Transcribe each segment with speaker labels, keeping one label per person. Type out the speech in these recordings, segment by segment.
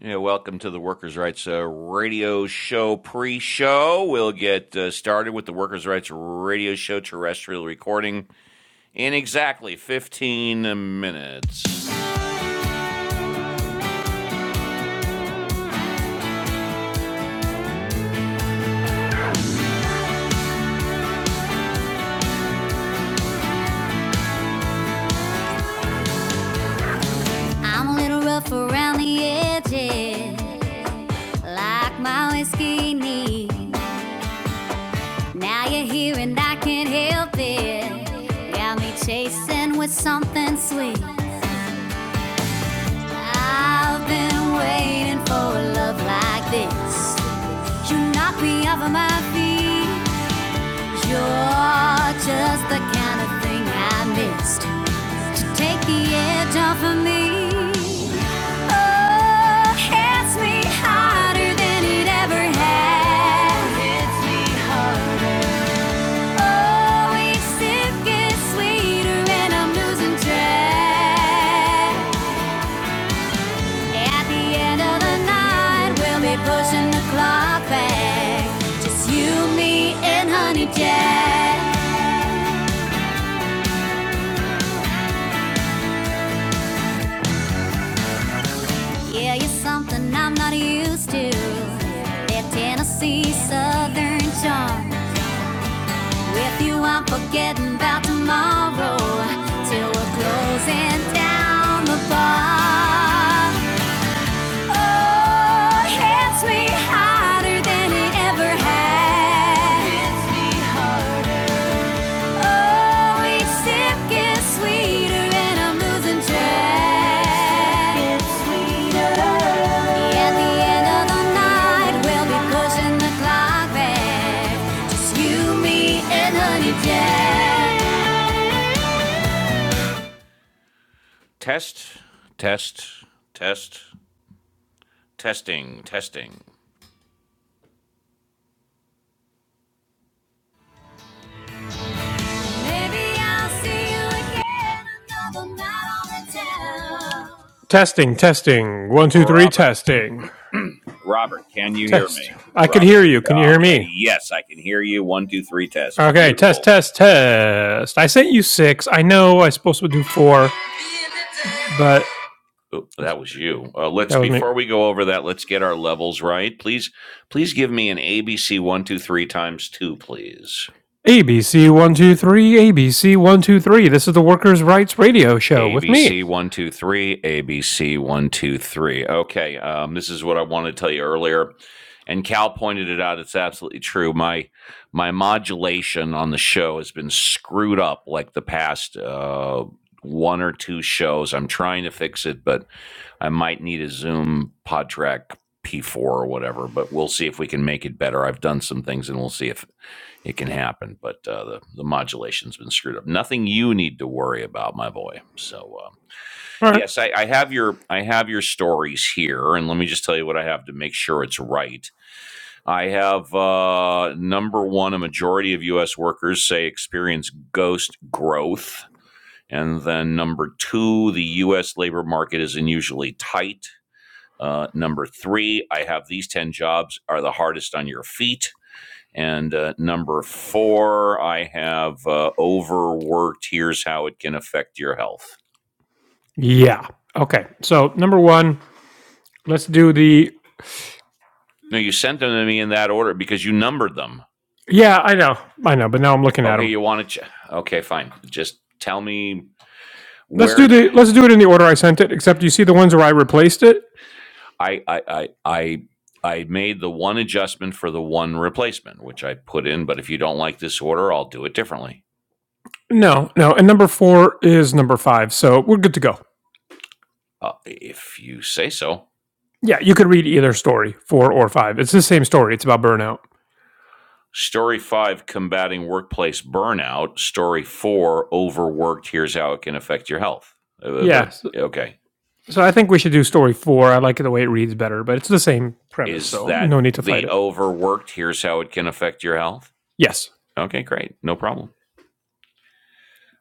Speaker 1: Yeah, welcome to the Workers' Rights uh, Radio Show pre show. We'll get uh, started with the Workers' Rights Radio Show terrestrial recording in exactly 15 minutes. I'm a little rough around the edges, like my whiskey knee. Now you're here and I can't help it. Got me chasing with something sweet. I've been waiting for a love like this. You knock me off of my feet. You're just the kind of thing I missed to take the edge off of me. Oh, hits me harder than it ever has. Hits me harder. Oh, each sip gets sweeter and I'm losing track. At the end of the night, we'll be pushing the clock back. Just you, me, and Honey Jack. Yeah, you're something I'm not used to. That Tennessee Southern charm. With you, I'm forgetting about tomorrow. Till we're closing down the bar. Oh, it hits me harder than it ever has. Hits me harder. Oh, Test, test, test, testing, testing. Maybe I'll see you again another night on the town.
Speaker 2: Testing, testing. One, two, three,
Speaker 1: Robert.
Speaker 2: testing.
Speaker 1: Robert, can you hear me?
Speaker 2: Test. I could
Speaker 1: Robert.
Speaker 2: hear you. Can you hear
Speaker 1: Okay.
Speaker 2: me?
Speaker 1: Yes, I can hear you. One, two, three test.
Speaker 2: Okay, test,
Speaker 1: Beautiful.
Speaker 2: test, test. I sent you six. I know I was supposed to do four, but
Speaker 1: Oh, that was you. Uh, let's
Speaker 2: that was me.
Speaker 1: before we go over that, let's get our levels right. Please, please give me an ABC one, two, three times two, please.
Speaker 2: ABC 123, ABC 123. This is the Workers' Rights Radio Show with me.
Speaker 1: ABC one two three, ABC one two three. Okay, um, this is what I wanted to tell you earlier, and Cal pointed it out. It's absolutely true. My my modulation on the show has been screwed up like the past uh, one or two shows. I'm trying to fix it, but I might need a Zoom PodTrack P4 or whatever. But we'll see if we can make it better. I've done some things, and we'll see if it can happen. But uh, the the modulation's been screwed up. Nothing you need to worry about, my boy. So um,
Speaker 2: All right.
Speaker 1: yes, I, I have your I have your stories here, and let me just tell you what I have to make sure it's right. I have uh, number one: a majority of U.S. workers say experience ghost growth. And then number two, the U.S. labor market is unusually tight. Uh, number three, I have these 10 jobs are the hardest on your feet. And uh, number four, I have uh, overworked. Here's how it can affect your health.
Speaker 2: Yeah. Okay. So, number one, let's do the.
Speaker 1: No, you sent them to me in that order because you numbered them.
Speaker 2: Yeah, I know. I know, but now I'm looking at
Speaker 1: Okay,
Speaker 2: them.
Speaker 1: you want to? Ch- okay, fine. Just tell me
Speaker 2: Let's do
Speaker 1: where
Speaker 2: the. Let's do it in the order I sent it, except you see the ones where I replaced it?
Speaker 1: I I I I. I made the one adjustment for the one replacement, which I put in. But if you don't like this order, I'll do it differently.
Speaker 2: No, no. And number four is number five. So we're good to go.
Speaker 1: Uh, if you say so.
Speaker 2: Yeah, you could read either story, four or five. It's the same story. It's about burnout.
Speaker 1: Story five, combating workplace burnout. Story four, overworked. Here's how it can affect your health. Uh,
Speaker 2: Yeah.
Speaker 1: but
Speaker 2: So,
Speaker 1: okay,
Speaker 2: so I think we should do story four. I like the way it reads better, but it's the same premise.
Speaker 1: is
Speaker 2: So
Speaker 1: that
Speaker 2: no need to fight
Speaker 1: the
Speaker 2: it.
Speaker 1: overworked? Here's how it can affect your health.
Speaker 2: Yes.
Speaker 1: Okay, great, no problem.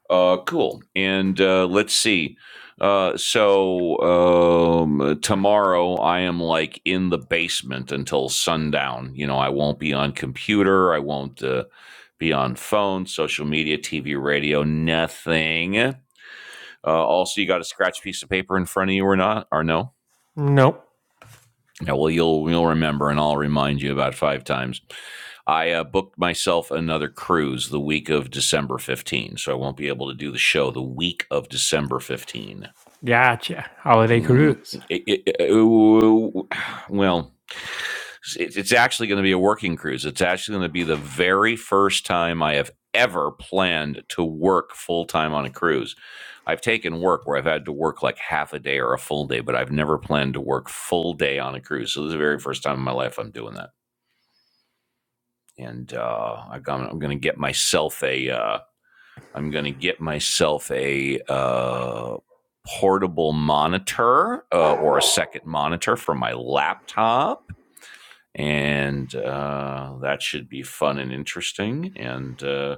Speaker 1: Uh, cool. And uh, let's see. Uh, so um, tomorrow I am like in the basement until sundown. You know, I won't be on computer. I won't uh, be on phone, social media, TV, radio, nothing. Uh, also, you got a scratch piece of paper in front of you or not, or no?
Speaker 2: No.
Speaker 1: Yeah, well, you'll you'll remember, and I'll remind you about five times. I uh, booked myself another cruise the week of December fifteenth, so I won't be able to do the show the week of December fifteenth.
Speaker 2: Gotcha. Holiday
Speaker 1: Mm,
Speaker 2: cruise.
Speaker 1: it- it- it- well, it's actually going to be a working cruise. It's actually going to be the very first time I have ever planned to work full time on a cruise. I've taken work where I've had to work like half a day or a full day, but I've never planned to work full day on a cruise. So this is the very first time in my life I'm doing that, and uh, i I'm going to get myself a. Uh, I'm going to get myself a uh, portable monitor uh, or a second monitor for my laptop. And uh, that should be fun and interesting. And uh,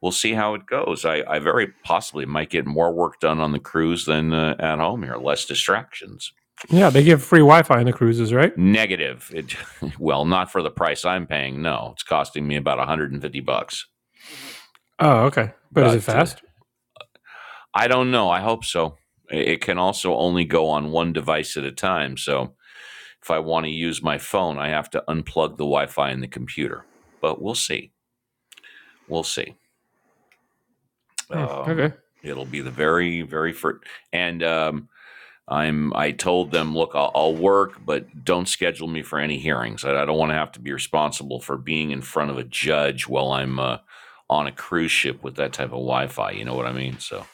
Speaker 1: we'll see how it goes. I, I very possibly might get more work done on the cruise than uh, at home here, less distractions.
Speaker 2: Yeah, they give free Wi Fi on the cruises, right?
Speaker 1: Negative. It, well, not for the price I'm paying. No, it's costing me about 150 bucks.
Speaker 2: Oh, okay. But is it
Speaker 1: But uh,
Speaker 2: fast?
Speaker 1: I don't know. I hope so. It can also only go on one device at a time. So if I want to use my phone, I have to unplug the Wi Fi in the computer. But we'll see. We'll see.
Speaker 2: Hmm, okay.
Speaker 1: Um, it'll be the very, very first. And um, I'm. I told them, look, I'll, I'll work, but don't schedule me for any hearings. I, I don't want to have to be responsible for being in front of a judge while I'm uh, on a cruise ship with that type of Wi-Fi. You know what I mean? So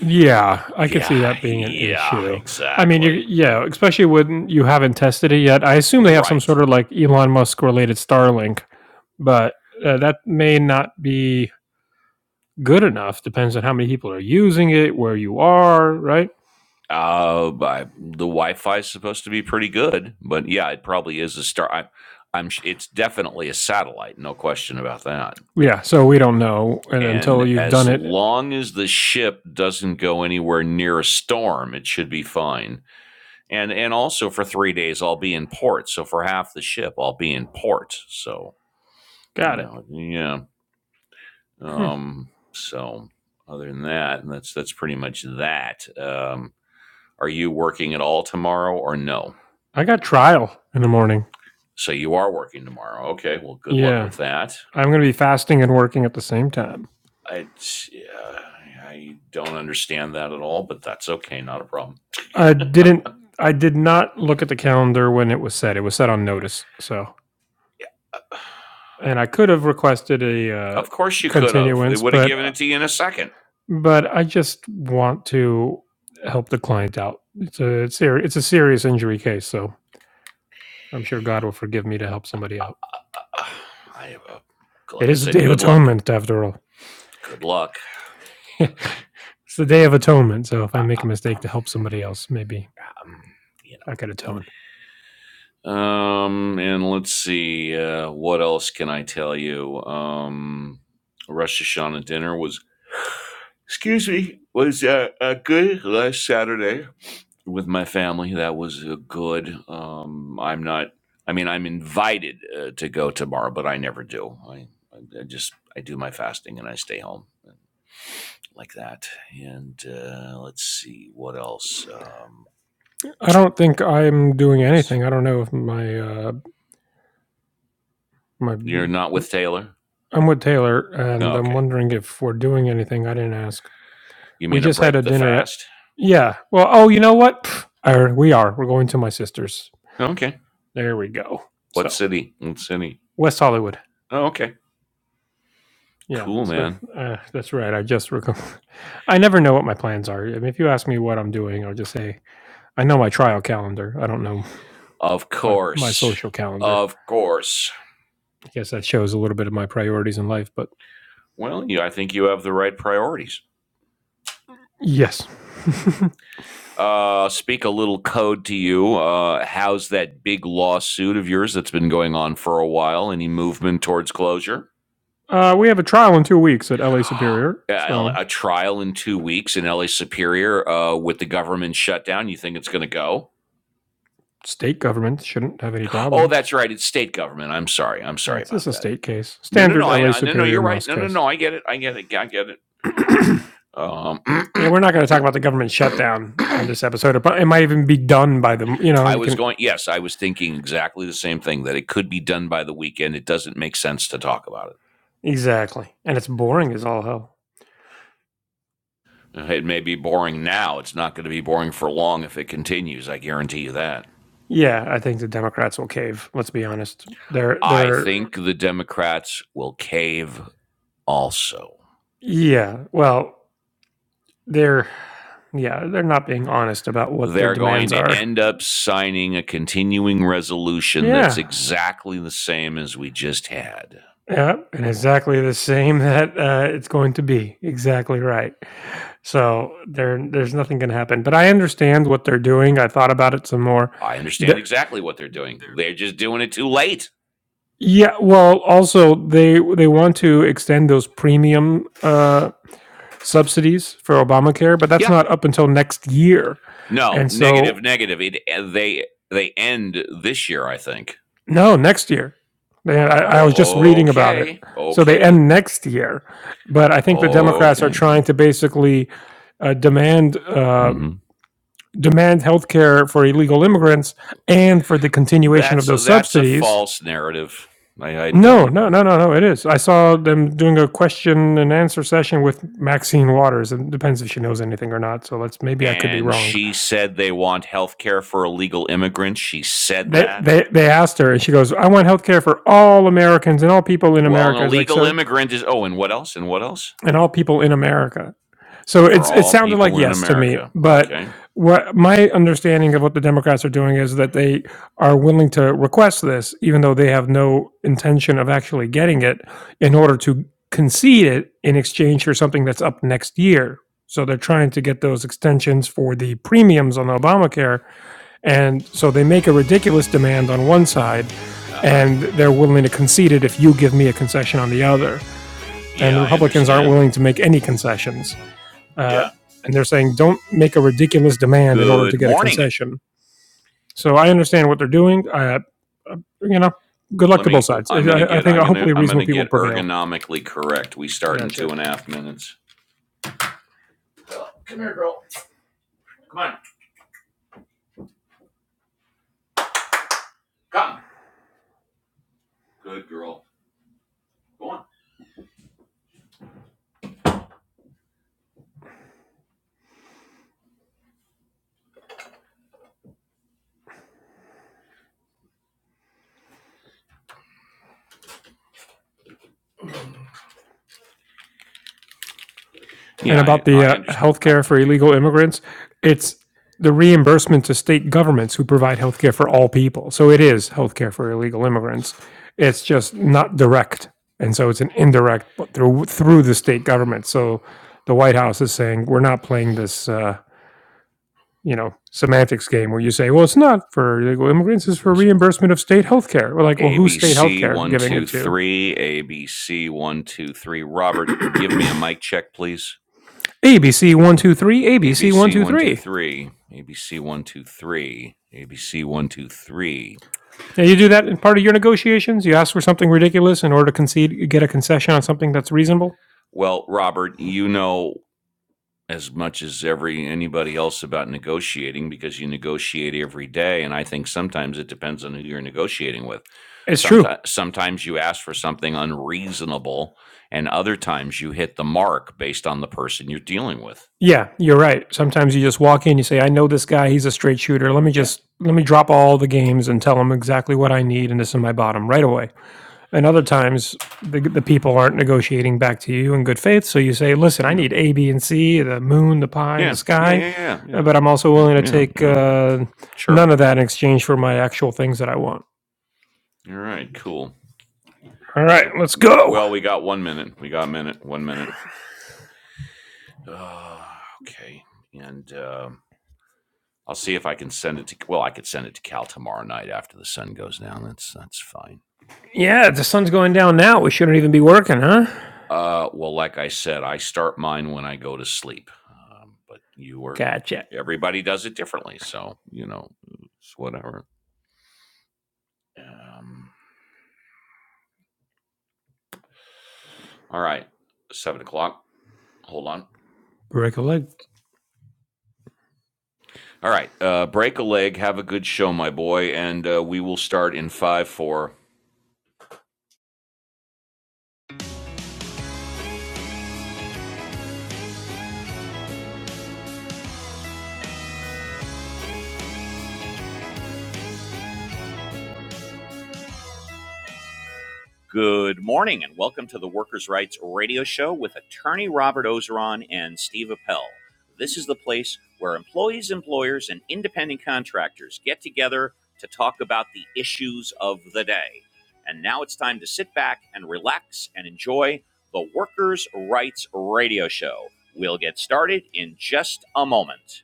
Speaker 2: Yeah, I could see
Speaker 1: yeah,
Speaker 2: that being an
Speaker 1: yeah,
Speaker 2: issue. I mean, you
Speaker 1: exactly.
Speaker 2: yeah, especially when you haven't tested it yet. I assume they have some
Speaker 1: Right.
Speaker 2: sort of like Elon Musk related Starlink, but uh, that may not be good enough. Depends on how many people are using it, where you are, right?
Speaker 1: Uh, I, the Wi-Fi is supposed to be pretty good, but yeah, it probably is a star. I, I'm. It's definitely a satellite, no question about that.
Speaker 2: Yeah, so we don't know, and until
Speaker 1: And
Speaker 2: you've done
Speaker 1: as
Speaker 2: it,
Speaker 1: long as the ship doesn't go anywhere near a storm, it should be fine. And and also for three days, I'll be in port. So for half the ship, I'll be in port. So you
Speaker 2: got it.
Speaker 1: know, yeah.
Speaker 2: Hmm.
Speaker 1: Um. So other than that, that's that's pretty much that. Um. Are you working at all tomorrow or no?
Speaker 2: I got trial in the morning.
Speaker 1: So you are working tomorrow. Okay. Well, good luck
Speaker 2: Yeah,
Speaker 1: with that.
Speaker 2: I'm going to be fasting and working at the same time.
Speaker 1: I, uh, I don't understand that at all, but that's okay. Not a problem.
Speaker 2: I didn't. I did not look at the calendar when it was set. It was set on notice, so. and I could have requested a uh,
Speaker 1: Of course you could have. They
Speaker 2: continuance,
Speaker 1: would have
Speaker 2: but
Speaker 1: given
Speaker 2: uh,
Speaker 1: it to you in a second.
Speaker 2: but I just want to help the client out. It's a it's, ser- it's a serious injury case, so I'm sure God will forgive me to help somebody out.
Speaker 1: I have a, like
Speaker 2: It
Speaker 1: I
Speaker 2: is the
Speaker 1: said,
Speaker 2: Day of
Speaker 1: good luck.
Speaker 2: Atonement, after all.
Speaker 1: Good luck.
Speaker 2: it's
Speaker 1: Um,
Speaker 2: the Day of Atonement, so if I
Speaker 1: I,
Speaker 2: make
Speaker 1: I,
Speaker 2: a mistake
Speaker 1: um,
Speaker 2: to help somebody else, maybe
Speaker 1: um, you
Speaker 2: I could atone.
Speaker 1: know. Um, and let's see. Uh, what else can I tell you? Um, Rosh Hashanah dinner was, excuse me, was uh, uh, good last Saturday. with my family. That was uh, good. Um, I'm not. I mean, I'm invited uh, to go tomorrow, but I never do. I, I I just I do my fasting and I stay home like that. And uh, let's see what else. Um,
Speaker 2: I don't think I'm doing
Speaker 1: yes,
Speaker 2: anything. I don't know if my uh, my
Speaker 1: you're not with Taylor.
Speaker 2: I'm with Taylor,
Speaker 1: Oh,
Speaker 2: and I'm
Speaker 1: okay,
Speaker 2: wondering if we're doing anything. I didn't ask.
Speaker 1: you
Speaker 2: We
Speaker 1: mean a
Speaker 2: just had a
Speaker 1: break the
Speaker 2: dinner at.
Speaker 1: fast?
Speaker 2: Yeah. Well. Oh, you know what? Pff, Or we are. We're going to my sister's.
Speaker 1: Okay.
Speaker 2: There we go.
Speaker 1: What
Speaker 2: So
Speaker 1: city? What city?
Speaker 2: West Hollywood.
Speaker 1: Oh, okay.
Speaker 2: Yeah.
Speaker 1: Cool,
Speaker 2: So
Speaker 1: man.
Speaker 2: uh, that's right. I just. Rec- I never know what my plans are. I mean, if you ask me what I'm doing, I'll just say I know my trial calendar. I don't know
Speaker 1: Of
Speaker 2: my my
Speaker 1: course,
Speaker 2: social calendar.
Speaker 1: of course.
Speaker 2: I guess that shows a little bit of my priorities in life. But
Speaker 1: Well, you, I think you have the right priorities.
Speaker 2: yes.
Speaker 1: uh, speak a little code to you. Uh, how's that big lawsuit of yours that's been going on for a while? Any movement towards closure?
Speaker 2: uh, we have a trial in two weeks at LA Superior.
Speaker 1: A
Speaker 2: So
Speaker 1: a trial in two weeks in LA Superior uh, with the government shutdown. You think it's going to go?
Speaker 2: state government shouldn't have any
Speaker 1: Oh,
Speaker 2: problems.
Speaker 1: that's right. It's state government. I'm sorry. I'm
Speaker 2: Yeah,
Speaker 1: sorry
Speaker 2: it's just
Speaker 1: about
Speaker 2: a
Speaker 1: that.
Speaker 2: state case.
Speaker 1: No, no, no.
Speaker 2: Standard
Speaker 1: I
Speaker 2: LA
Speaker 1: no, no. You're
Speaker 2: Superior
Speaker 1: right.
Speaker 2: Moss
Speaker 1: No, no,
Speaker 2: case.
Speaker 1: no. I get it. I get it. Yeah, I get it.
Speaker 2: yeah,
Speaker 1: Um,
Speaker 2: we're not going to talk about the government shutdown on this episode. But it might even be done by the, you know,
Speaker 1: I
Speaker 2: you
Speaker 1: was
Speaker 2: can.
Speaker 1: going. Yes, I was thinking exactly the same thing. That it could be done by the weekend. It doesn't make sense to talk about it.
Speaker 2: Exactly. And it's boring as all hell.
Speaker 1: Uh, It may be boring now. It's not going to be boring for long if it continues. I guarantee you that.
Speaker 2: Yeah, I think the Democrats will cave. Let's be honest. They're,
Speaker 1: I
Speaker 2: they're,
Speaker 1: think the Democrats will cave also.
Speaker 2: yeah, well, they're, yeah, they're not being honest about what their
Speaker 1: They're going
Speaker 2: demands
Speaker 1: to
Speaker 2: are.
Speaker 1: end up signing a continuing resolution that's
Speaker 2: Yeah,
Speaker 1: exactly the same as we just had.
Speaker 2: Yeah, and exactly the same that uh, it's going to be exactly right. So there, there's nothing going to happen. But I understand what they're doing. I thought about it some more.
Speaker 1: I understand
Speaker 2: The,
Speaker 1: exactly what they're doing. They're just doing it too late.
Speaker 2: yeah, well, also they they want to extend those premium uh, subsidies for Obamacare, but that's
Speaker 1: Yeah.
Speaker 2: not up until next year.
Speaker 1: No,
Speaker 2: And so
Speaker 1: negative, negative. It, they they end this year, I think.
Speaker 2: No, next year. They, I, I was just reading about it.
Speaker 1: Okay.
Speaker 2: So they
Speaker 1: Okay.
Speaker 2: end next year, but I think the Democrats are
Speaker 1: Okay.
Speaker 2: trying to basically uh, demand uh,
Speaker 1: Mm-hmm.
Speaker 2: demand health care for illegal immigrants and for the continuation of
Speaker 1: That's
Speaker 2: those
Speaker 1: that's a
Speaker 2: subsidies.
Speaker 1: false narrative. I, I
Speaker 2: No,
Speaker 1: don't.
Speaker 2: no, no, no, no. It is. I saw them doing a question and answer session with Maxine Waters. It depends if she knows anything or not. So let's maybe I could be
Speaker 1: And
Speaker 2: wrong.
Speaker 1: she said they want health care for illegal immigrants. She said
Speaker 2: They
Speaker 1: that.
Speaker 2: they they asked her, and she goes, "I want health care for all Americans and all people in
Speaker 1: Well, an
Speaker 2: America." It's like
Speaker 1: illegal
Speaker 2: so.
Speaker 1: immigrant is. Oh, and what else? And what else?
Speaker 2: and all people in America. So
Speaker 1: For
Speaker 2: it's it
Speaker 1: all
Speaker 2: sounded like
Speaker 1: people in
Speaker 2: yes to me,
Speaker 1: America.
Speaker 2: but
Speaker 1: Okay.
Speaker 2: what my understanding of what the Democrats are doing is that they are willing to request this, even though they have no intention of actually getting it, in order to concede it in exchange for something that's up next year. So they're trying to get those extensions for the premiums on Obamacare, and so they make a ridiculous demand on one side,
Speaker 1: Uh huh.
Speaker 2: and they're willing to concede it if you give me a concession on the other and
Speaker 1: Yeah,
Speaker 2: the
Speaker 1: I
Speaker 2: Republicans aren't
Speaker 1: understand.
Speaker 2: willing to make any concessions. Uh,
Speaker 1: Yeah.
Speaker 2: and they're saying, don't make a ridiculous demand in order to
Speaker 1: Good
Speaker 2: get a
Speaker 1: morning.
Speaker 2: concession. So I understand what they're doing. Uh, uh, you know, good luck
Speaker 1: Let
Speaker 2: to both
Speaker 1: me.
Speaker 2: sides.
Speaker 1: I'm gonna
Speaker 2: I, I
Speaker 1: get.
Speaker 2: think
Speaker 1: I'm gonna.
Speaker 2: hopefully
Speaker 1: I'm
Speaker 2: reasonable
Speaker 1: gonna
Speaker 2: people
Speaker 1: get
Speaker 2: prevail.
Speaker 1: ergonomically correct. We start in
Speaker 2: Gotcha.
Speaker 1: two and a half minutes. Come here, girl. Come on. Come. Good girl. Go on. Yeah,
Speaker 2: and
Speaker 1: I.
Speaker 2: about the
Speaker 1: I
Speaker 2: uh,
Speaker 1: understand.
Speaker 2: healthcare for illegal immigrants, it's the reimbursement to state governments who provide healthcare for all people. So it is healthcare for illegal immigrants. It's just not direct, and so it's an indirect, but through through the state government. So the White House is saying we're not playing this. Uh, you know, semantics game where you say, well, it's not for illegal immigrants, it's for reimbursement of state healthcare. We're like, well, who's state
Speaker 1: ABC
Speaker 2: healthcare
Speaker 1: one
Speaker 2: giving
Speaker 1: two
Speaker 2: it to?
Speaker 1: three. ABC one two three. Robert, give me a mic check, please.
Speaker 2: ABC123,
Speaker 1: ABC one two
Speaker 2: ABC123.
Speaker 1: three. ABC one two three. ABC one two three.
Speaker 2: Yeah, you do that in part of your negotiations. You ask for something ridiculous in order to concede, get a concession on something that's reasonable.
Speaker 1: Well, Robert, you know as much as every anybody else about negotiating because you negotiate every day, and I think sometimes it depends on who you're negotiating with.
Speaker 2: It's true.
Speaker 1: Sometimes, sometimes you ask for something unreasonable, and other times you hit the mark based on the person you're dealing with.
Speaker 2: Yeah, you're right. Sometimes you just walk in, you say, "I know this guy. He's a straight shooter. Let me
Speaker 1: Yeah.
Speaker 2: just let me drop all the games and tell him exactly what I need, and this is my bottom right away." And other times, the the people aren't negotiating back to you in good faith, so you say, "Listen, I
Speaker 1: Yeah.
Speaker 2: need A, B, and C: the moon, the pie, and the
Speaker 1: Yeah. Yeah. Yeah.
Speaker 2: sky."
Speaker 1: Yeah.
Speaker 2: uh,
Speaker 1: Yeah.
Speaker 2: But I'm also
Speaker 1: Yeah.
Speaker 2: willing to
Speaker 1: Yeah.
Speaker 2: take
Speaker 1: yeah.
Speaker 2: uh,
Speaker 1: Sure.
Speaker 2: none of that in exchange for my actual things that I want.
Speaker 1: All right. Cool.
Speaker 2: All right,
Speaker 1: So,
Speaker 2: let's go.
Speaker 1: well, we got one minute. We got a minute. One minute. Uh, okay. And um I'll see if I can send it to. Well, I could send it to Cal tomorrow night after the sun goes down. That's that's fine.
Speaker 2: Yeah, the sun's going down now. We shouldn't even be working, huh?
Speaker 1: Uh, well, like I said, I start mine when I go to sleep. Um, but you were
Speaker 2: Gotcha.
Speaker 1: everybody does it differently, so you know, it's whatever. Um, all right, seven o'clock. Hold on.
Speaker 2: Recollect
Speaker 1: All right. Uh, break a leg. Have a good show, my boy. And uh, we will start in 5 4. Good morning and welcome to the Workers' Rights Radio Show with attorney Robert Ozeron and Steve Appel. This is the place where employees, employers, and independent contractors get together to talk about the issues of the day. And now it's time to sit back and relax and enjoy the Workers' Rights Radio Show. We'll get started in just a moment.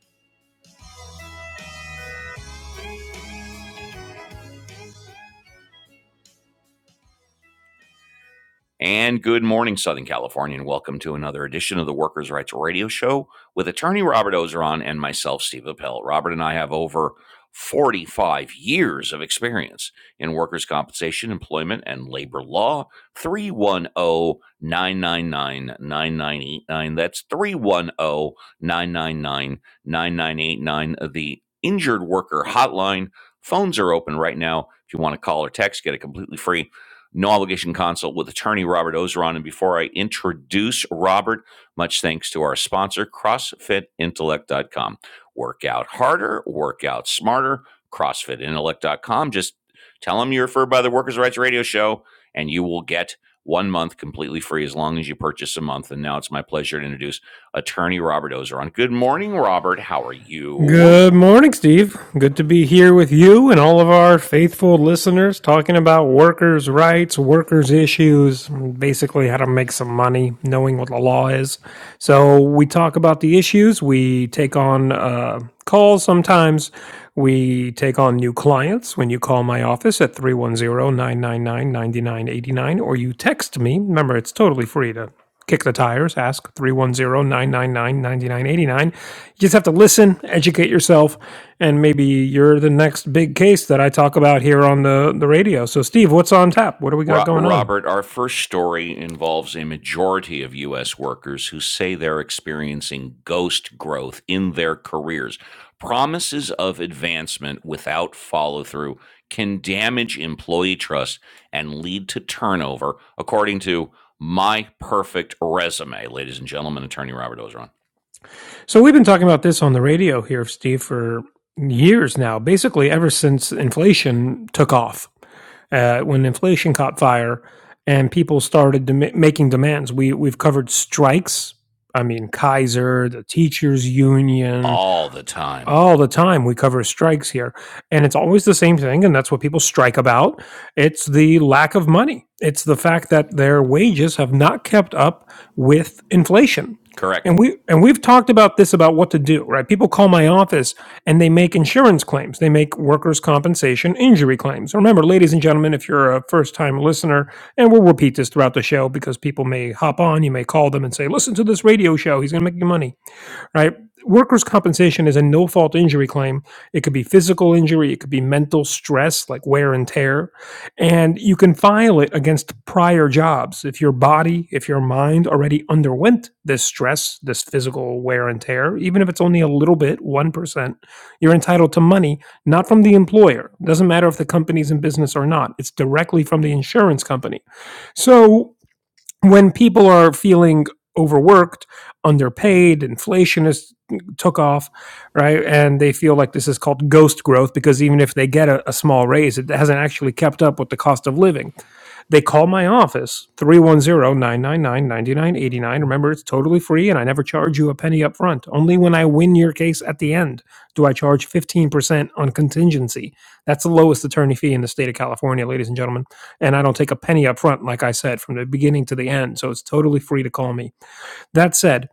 Speaker 1: And good morning, Southern California, and welcome to another edition of the Workers' Rights Radio Show with attorney Robert Ozeron and myself, Steve Appel. Robert and I have over 45 years of experience in workers' compensation, employment, and labor law. Three one o 999 9989. That's three one o 999 9989. the Injured Worker Hotline. Phones are open right now. If you want to call or text, get it completely free no obligation consult with attorney Robert Ozeron. And before I introduce Robert, much thanks to our sponsor, CrossFitIntellect.com. Work out harder, work out smarter, CrossFit Intellect dot com. Just tell them you're referred by the Workers' Rights Radio Show, and you will get one month completely free as long as you purchase a month. And now it's my pleasure to introduce attorney Robert Ozeron. Good morning, Robert. How are you?
Speaker 2: Good morning, Steve. Good to be here with you and all of our faithful listeners talking about workers' rights, workers' issues, basically how to make some money, knowing what the law is. So, we talk about the issues, we take on uh, calls sometimes, we take on new clients when you call my office at three one zero nine nine nine ninety nine eighty nine, or you text me. Remember, it's totally free to kick the tires, ask three one zero nine nine nine ninety nine eighty nine. You just have to listen, educate yourself, and maybe you're the next big case that I talk about here on the, the radio. So, Steve, what's on tap? What do we got
Speaker 1: Ro-
Speaker 2: going on?
Speaker 1: Robert, our first story involves a majority of U.S. workers who say they're experiencing ghost growth in their careers. Promises of advancement without follow through can damage employee trust and lead to turnover, according to My Perfect Resume. Ladies and gentlemen, attorney Robert Ozeron.
Speaker 2: So we've been talking about this on the radio here, Steve, for years now, basically ever since inflation took off. Uh, when inflation caught fire and people started dem- making demands, we we've covered strikes. I mean, Kaiser, the teachers' union,
Speaker 1: All the time.
Speaker 2: all the time we cover strikes here and it's always the same thing and that's what people strike about it's the lack of money it's the fact that their wages have not kept up with inflation
Speaker 1: Correct.
Speaker 2: and we and we've talked about this about what to do right people call my office and they make insurance claims they make workers compensation injury claims remember ladies and gentlemen if you're a first time listener and we'll repeat this throughout the show because people may hop on you may call them and say listen to this radio show he's going to make you money right? Workers' compensation is a no fault injury claim. It could be physical injury, it could be mental stress, like wear and tear. And you can file it against prior jobs. If your body, if your mind already underwent this stress, this physical wear and tear, even if it's only a little bit, 1%, you're entitled to money, not from the employer. It doesn't matter if the company's in business or not, it's directly from the insurance company. So when people are feeling overworked, underpaid, inflation is mm, took off, right? And they feel like this is called ghost growth because even if they get a, a small raise, it hasn't actually kept up with the cost of living. They call my office, three one zero nine nine nine ninety nine eighty nine. Remember, it's totally free and I never charge you a penny up front. Only when I win your case at the end do I charge 15% on contingency. That's the lowest attorney fee in the state of California, ladies and gentlemen and I don't take a penny up front, like I said, from the beginning to the end. So it's totally free to call me. That said,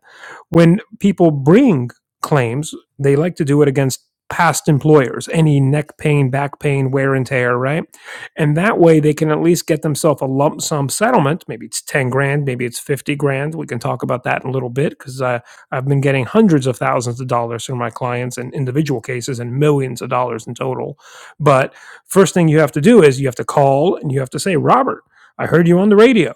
Speaker 2: when people bring claims, they like to do it against past employers, any neck pain, back pain, wear and tear, right? And that way they can at least get themselves a lump sum settlement. Maybe it's 10 grand, maybe it's 50 grand. We can talk about that in a little bit because uh, I've been getting hundreds of thousands of dollars from my clients in individual cases and millions of dollars in total. But first thing you have to do is you have to call and you have to say, Robert, I heard you on the radio.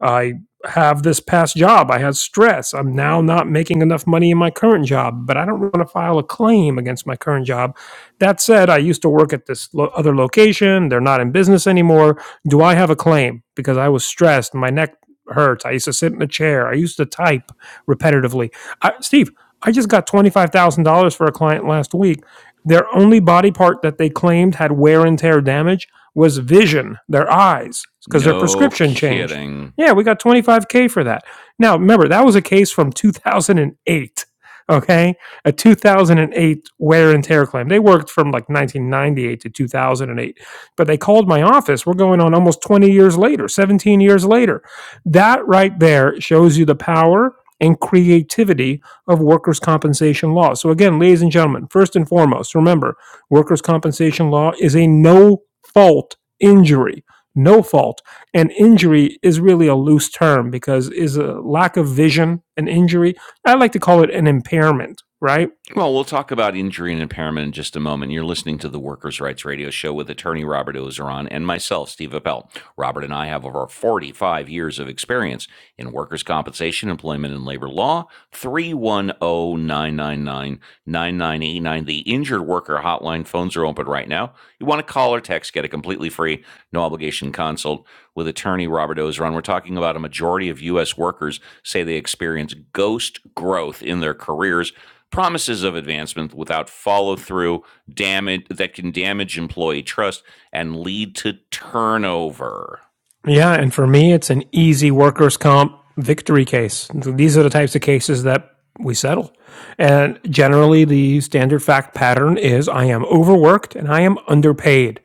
Speaker 2: Uh, have this past job. I had stress. I'm now not making enough money in my current job, but I don't want to file a claim against my current job. That said, I used to work at this lo- other location. They're not in business anymore. Do I have a claim? Because I was stressed. My neck hurts. I used to sit in a chair. I used to type repetitively. I, Steve, I just got $25,000 for a client last week. Their only body part that they claimed had wear and tear damage was vision, their eyes, because their
Speaker 1: No
Speaker 2: prescription changed
Speaker 1: kidding.
Speaker 2: yeah, we got 25K for that. Now, remember, that was a case from 2008. Okay. A 2008 wear and tear claim. They worked from like 1998 to 2008, but they called my office. We're going on almost 20 years later, 17 years later. That right there shows you the power and creativity of workers' compensation law. So, again, ladies and gentlemen, first and foremost, remember workers' compensation law is a no fault injury. No fault and injury is really a loose term because is a lack of vision an injury i like to call it an impairment right
Speaker 1: Well, we'll talk about injury and impairment in just a moment. You're listening to the Workers' Rights Radio Show with attorney Robert Ozeron and myself, Steve Appel. Robert and I have over 45 years of experience in workers' compensation, employment, and labor law. Three one o 999 9989. The injured worker hotline phones are open right now. You want to call or text, get a completely free, no obligation consult with attorney Robert Ozeron. We're talking about a majority of U.S. workers say they experience ghost growth in their careers promises of advancement without follow through damage that can damage employee trust and lead to turnover
Speaker 2: yeah and for me it's an easy workers comp victory case these are the types of cases that we settle and generally the standard fact pattern is i am overworked and i am underpaid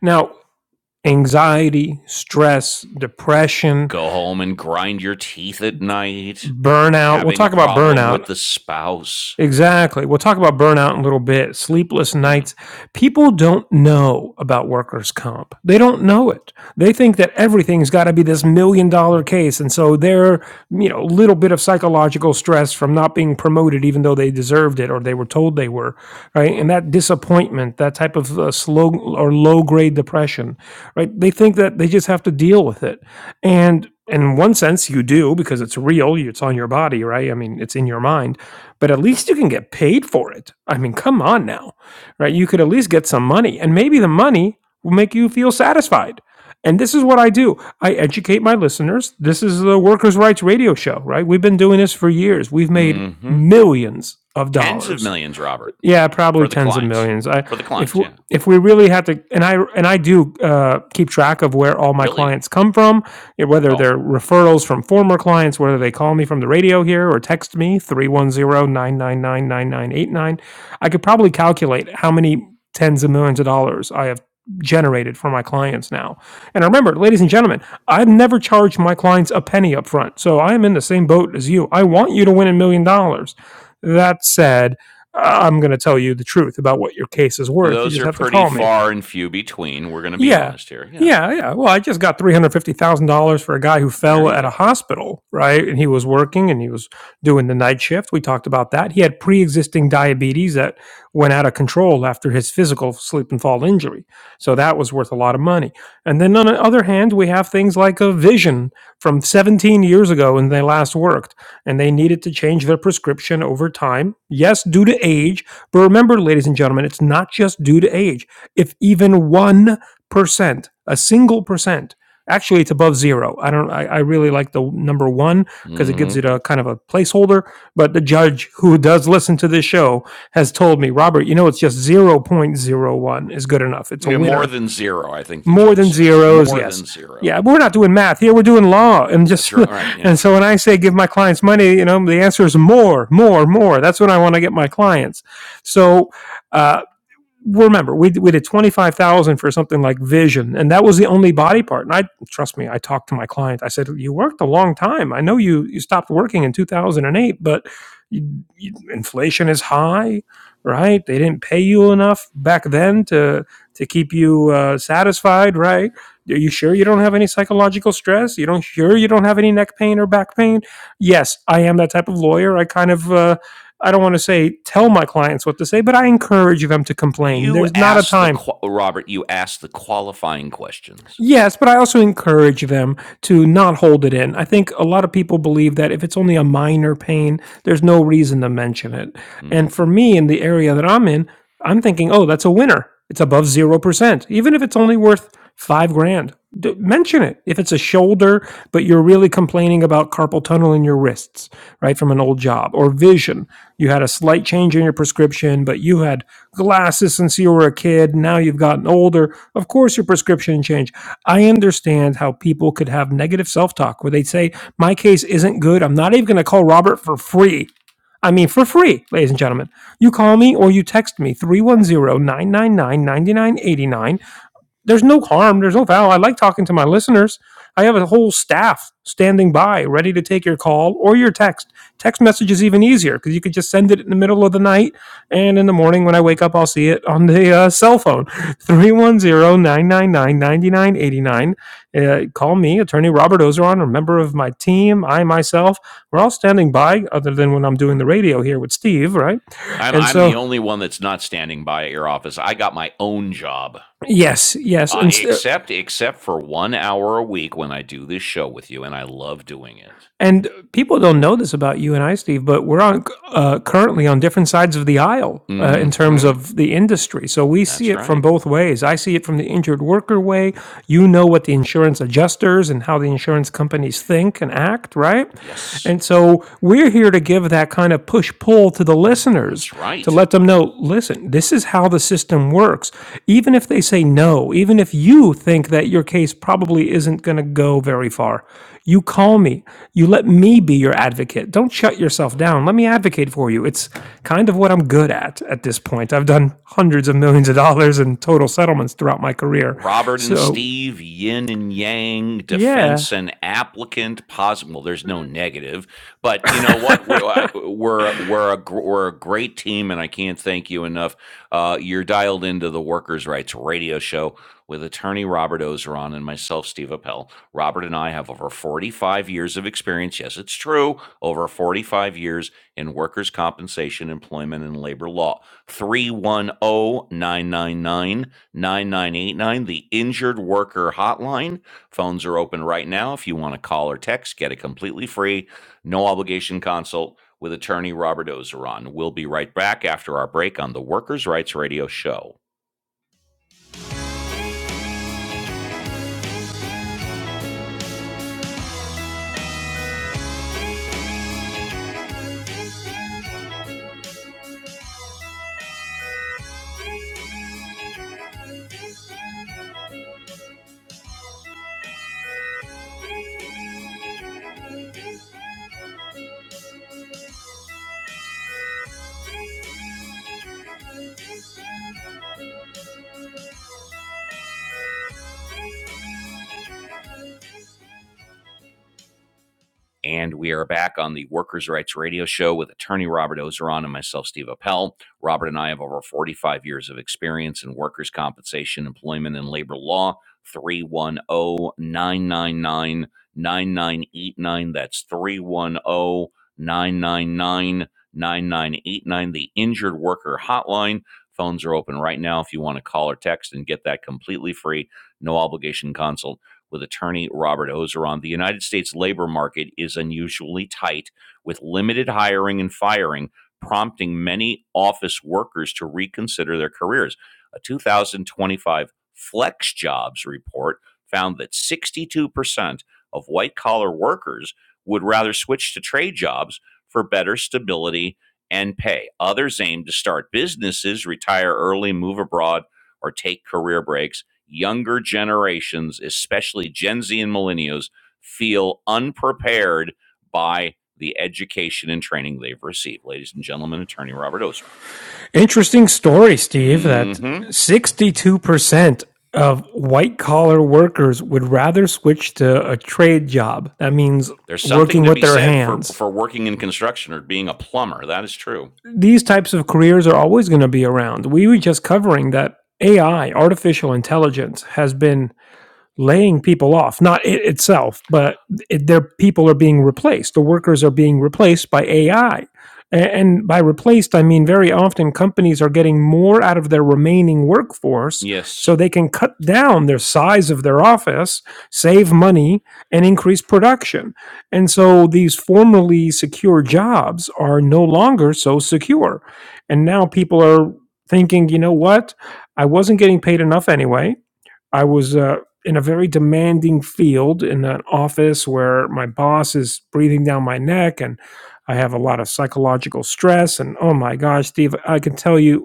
Speaker 2: now anxiety stress depression
Speaker 1: go home and grind your teeth at night
Speaker 2: burnout. We'll
Speaker 1: having a
Speaker 2: talk about
Speaker 1: problem with
Speaker 2: burnout.
Speaker 1: the spouse
Speaker 2: Exactly. We'll talk about burnout in a little bit. Sleepless
Speaker 1: yeah
Speaker 2: nights. People don't know about workers' comp. They don't know it. They think that everything's got to be this million dollar case. And so their, you know, little bit of psychological stress from not being promoted, even though they deserved it or they were told they were, right? And that disappointment, that type of uh, slow or low grade depression, right? They think that they just have to deal with it. And in one sense you do because it's real it's on your body right i mean it's in your mind but at least you can get paid for it i mean come on now right you could at least get some money and maybe the money will make you feel satisfied and this is what i do i educate my listeners this is the workers rights radio show right we've been doing this for years we've made
Speaker 1: mm-hmm.
Speaker 2: millions of
Speaker 1: tens of
Speaker 2: dollars
Speaker 1: millions robert
Speaker 2: yeah, probably
Speaker 1: for the
Speaker 2: tens of
Speaker 1: clients
Speaker 2: millions. I
Speaker 1: for the
Speaker 2: if
Speaker 1: clients
Speaker 2: we-
Speaker 1: yeah
Speaker 2: if we really had to, and I and I do uh, keep track of where all my
Speaker 1: really
Speaker 2: clients come from, yeah, whether
Speaker 1: oh
Speaker 2: they're referrals from former clients, whether they call me from the radio here or text me three one zero nine nine nine nine nine eight nine. I could probably calculate how many tens of millions of dollars I have generated for my clients now. And remember, ladies and gentlemen, I've never charged my clients a penny up front. So I am in the same boat as you. I want you to win a million dollars. That said, I'm going to tell you the truth about what your case is worth. You
Speaker 1: those
Speaker 2: just
Speaker 1: are
Speaker 2: have to
Speaker 1: pretty
Speaker 2: call me.
Speaker 1: far and few between we're going to be
Speaker 2: Yeah.
Speaker 1: honest here yeah
Speaker 2: Yeah, yeah. Well, I just got $350,000 for a guy who
Speaker 1: there
Speaker 2: fell
Speaker 1: you
Speaker 2: at a
Speaker 1: go
Speaker 2: hospital, right? And he was working and he was doing the night shift. We talked about that. He had pre-existing diabetes that went out of control after his physical sleep and fall injury. So that was worth a lot of money. And then on the other hand, we have things like a vision from 17 years ago when they last worked and they needed to change their prescription over time. Yes, due to age, but remember ladies and gentlemen, it's not just due to age. If even one percent, a single percent. Actually, it's above zero. I don't. I, I really like the number one because it gives
Speaker 1: mm-hmm.
Speaker 2: it a kind of a placeholder. But the judge who does listen to this show has told me, Robert, you know, it's just zero point zero one is good enough. It's a
Speaker 1: Yeah, more
Speaker 2: winner.
Speaker 1: than zero i think the
Speaker 2: More
Speaker 1: judge
Speaker 2: than
Speaker 1: says
Speaker 2: zeros,
Speaker 1: more
Speaker 2: yes.
Speaker 1: than zero
Speaker 2: Yeah, we're not doing math here. We're doing law, and
Speaker 1: That's
Speaker 2: just
Speaker 1: right. All right.
Speaker 2: and
Speaker 1: Yeah.
Speaker 2: so when I say give my clients money, you know, the answer is more, more, more. That's what I want to get my clients. So uh, remember we we did 25,000 for something like vision and that was the only body part and I trust me I talked to my client I said you worked a long time I know you you stopped working in 2008 but you, you, inflation is high right they didn't pay you enough back then to to keep you uh, satisfied right are you sure you don't have any psychological stress you don't sure you don't have any neck pain or back pain yes I am that type of lawyer I kind of uh, I don't want to say tell my clients what to say, but I encourage them to complain.
Speaker 1: You
Speaker 2: There's not a
Speaker 1: asked the
Speaker 2: time
Speaker 1: qua- Robert. You asked the qualifying questions.
Speaker 2: Yes, but I also encourage them to not hold it in. I think a lot of people believe that if it's only a minor pain, there's no reason to mention it.
Speaker 1: hmm
Speaker 2: And for me, in the area that I'm in, I'm thinking, oh, that's a winner. It's above 0%, even if it's only worth five grand. D- mention it. If it's a shoulder, but you're really complaining about carpal tunnel in your wrists, right, from an old job, or vision. You had a slight change in your prescription, but you had glasses since you were a kid. Now you've gotten older. Of course, your prescription changed. I understand how people could have negative self talk where they'd say, My case isn't good. I'm not even going to call Robert for free. I mean, for free, ladies and gentlemen. You call me or you text me three one zero nine nine nine ninety nine eighty nine there's no harm, there's no foul. I like talking to my listeners. I have a whole staff standing by, ready to take your call or your text. Text message is even easier because you could just send it in the middle of the night, and in the morning when I wake up, I'll see it on the uh, cell phone. Three one zero nine nine nine ninety nine eighty nine. 999 Call me, Attorney Robert Ozeron, or a member of my team. I myself, we're all standing by, other than when I'm doing the radio here with Steve, right?
Speaker 1: I'm
Speaker 2: And
Speaker 1: I'm the
Speaker 2: so,
Speaker 1: only one that's not standing by at your office. I got my own job,
Speaker 2: yes, yes.
Speaker 1: uh,
Speaker 2: And
Speaker 1: except except for one hour a week when I do this show with you, and I love doing it.
Speaker 2: And people don't know this about you and I, Steve, but we're on uh, currently on different sides of the aisle uh, in terms
Speaker 1: Mm-hmm.
Speaker 2: of the industry. So we see
Speaker 1: That's
Speaker 2: it from
Speaker 1: right.
Speaker 2: both ways. I see it from the injured worker way. You know what the insurance adjusters and how the insurance companies think and act, right?
Speaker 1: Yes,
Speaker 2: And so we're here to give that kind of push pull to the listeners
Speaker 1: that's
Speaker 2: to
Speaker 1: right.
Speaker 2: let them know listen, this is how the system works. Even if they say no, even if you think that your case probably isn't going to go very far, you call me. You let me be your advocate. Don't shut yourself down. Let me advocate for you. It's kind of what I'm good at at this point. I've done hundreds of millions of dollars in total settlements throughout my career.
Speaker 1: Robert and
Speaker 2: So,
Speaker 1: Steve, yin and yang,
Speaker 2: yeah.
Speaker 1: defense and applicant, positive. Well, there's no negative, but you know what? We're I, we're we're a gr- we're a great team, and I can't thank you enough. Uh, you're dialed into the Workers' Rights Radio Show with attorney Robert Ozeron and myself, Steve Appel. Robert and I have over 45 years of experience. Yes, it's true. Over 45 years in workers' compensation, employment, and labor law. Three one o 999. 9989, the Injured Worker Hotline. Phones are open right now. If you want to call or text, get a completely free, no obligation consult with attorney Robert Ozeron. We'll be right back after our break on the Workers' Rights Radio Show. And we are back on the Workers' Rights Radio Show with attorney Robert Ozeron and myself, Steve Appel. Robert and I have over 45 years of experience in workers' compensation, employment, and labor law. 310 999 9989. That's 310 999 9989. the Injured Worker Hotline. Phones are open right now if you want to call or text and get that completely free, no obligation consult with attorney Robert Ozeron. The United States labor market is unusually tight, with limited hiring and firing prompting many office workers to reconsider their careers. A 2025 Flex Jobs report found that 62% of white collar workers would rather switch to trade jobs for better stability and pay. Others aim to start businesses, retire early, move abroad, or take career breaks younger generations, especially Gen Z and millennials, feel unprepared by the education and training they've received. Ladies and gentlemen, attorney Robert
Speaker 2: Interesting story, Steve, that
Speaker 1: Ozeron. hmm
Speaker 2: 62% of white collar workers would rather switch to a trade job. That means
Speaker 1: There's something
Speaker 2: working
Speaker 1: to
Speaker 2: with
Speaker 1: be
Speaker 2: their
Speaker 1: said for
Speaker 2: hands
Speaker 1: for working in construction or being a plumber. That is true.
Speaker 2: these types of careers are always going to be around. We were just covering that AI, artificial intelligence, has been laying people off not it itself but it, their people are being replaced the workers are being replaced by ai and by replaced i mean very often companies are getting more out of their remaining workforce
Speaker 1: Yes.
Speaker 2: so they can cut down their size of their office save money and increase production and so these formerly secure jobs are no longer so secure and now people are thinking you know what i wasn't getting paid enough anyway I was uh, in a very demanding field in an office where my boss is breathing down my neck and I have a lot of psychological stress. And oh my gosh, Steve, I can tell you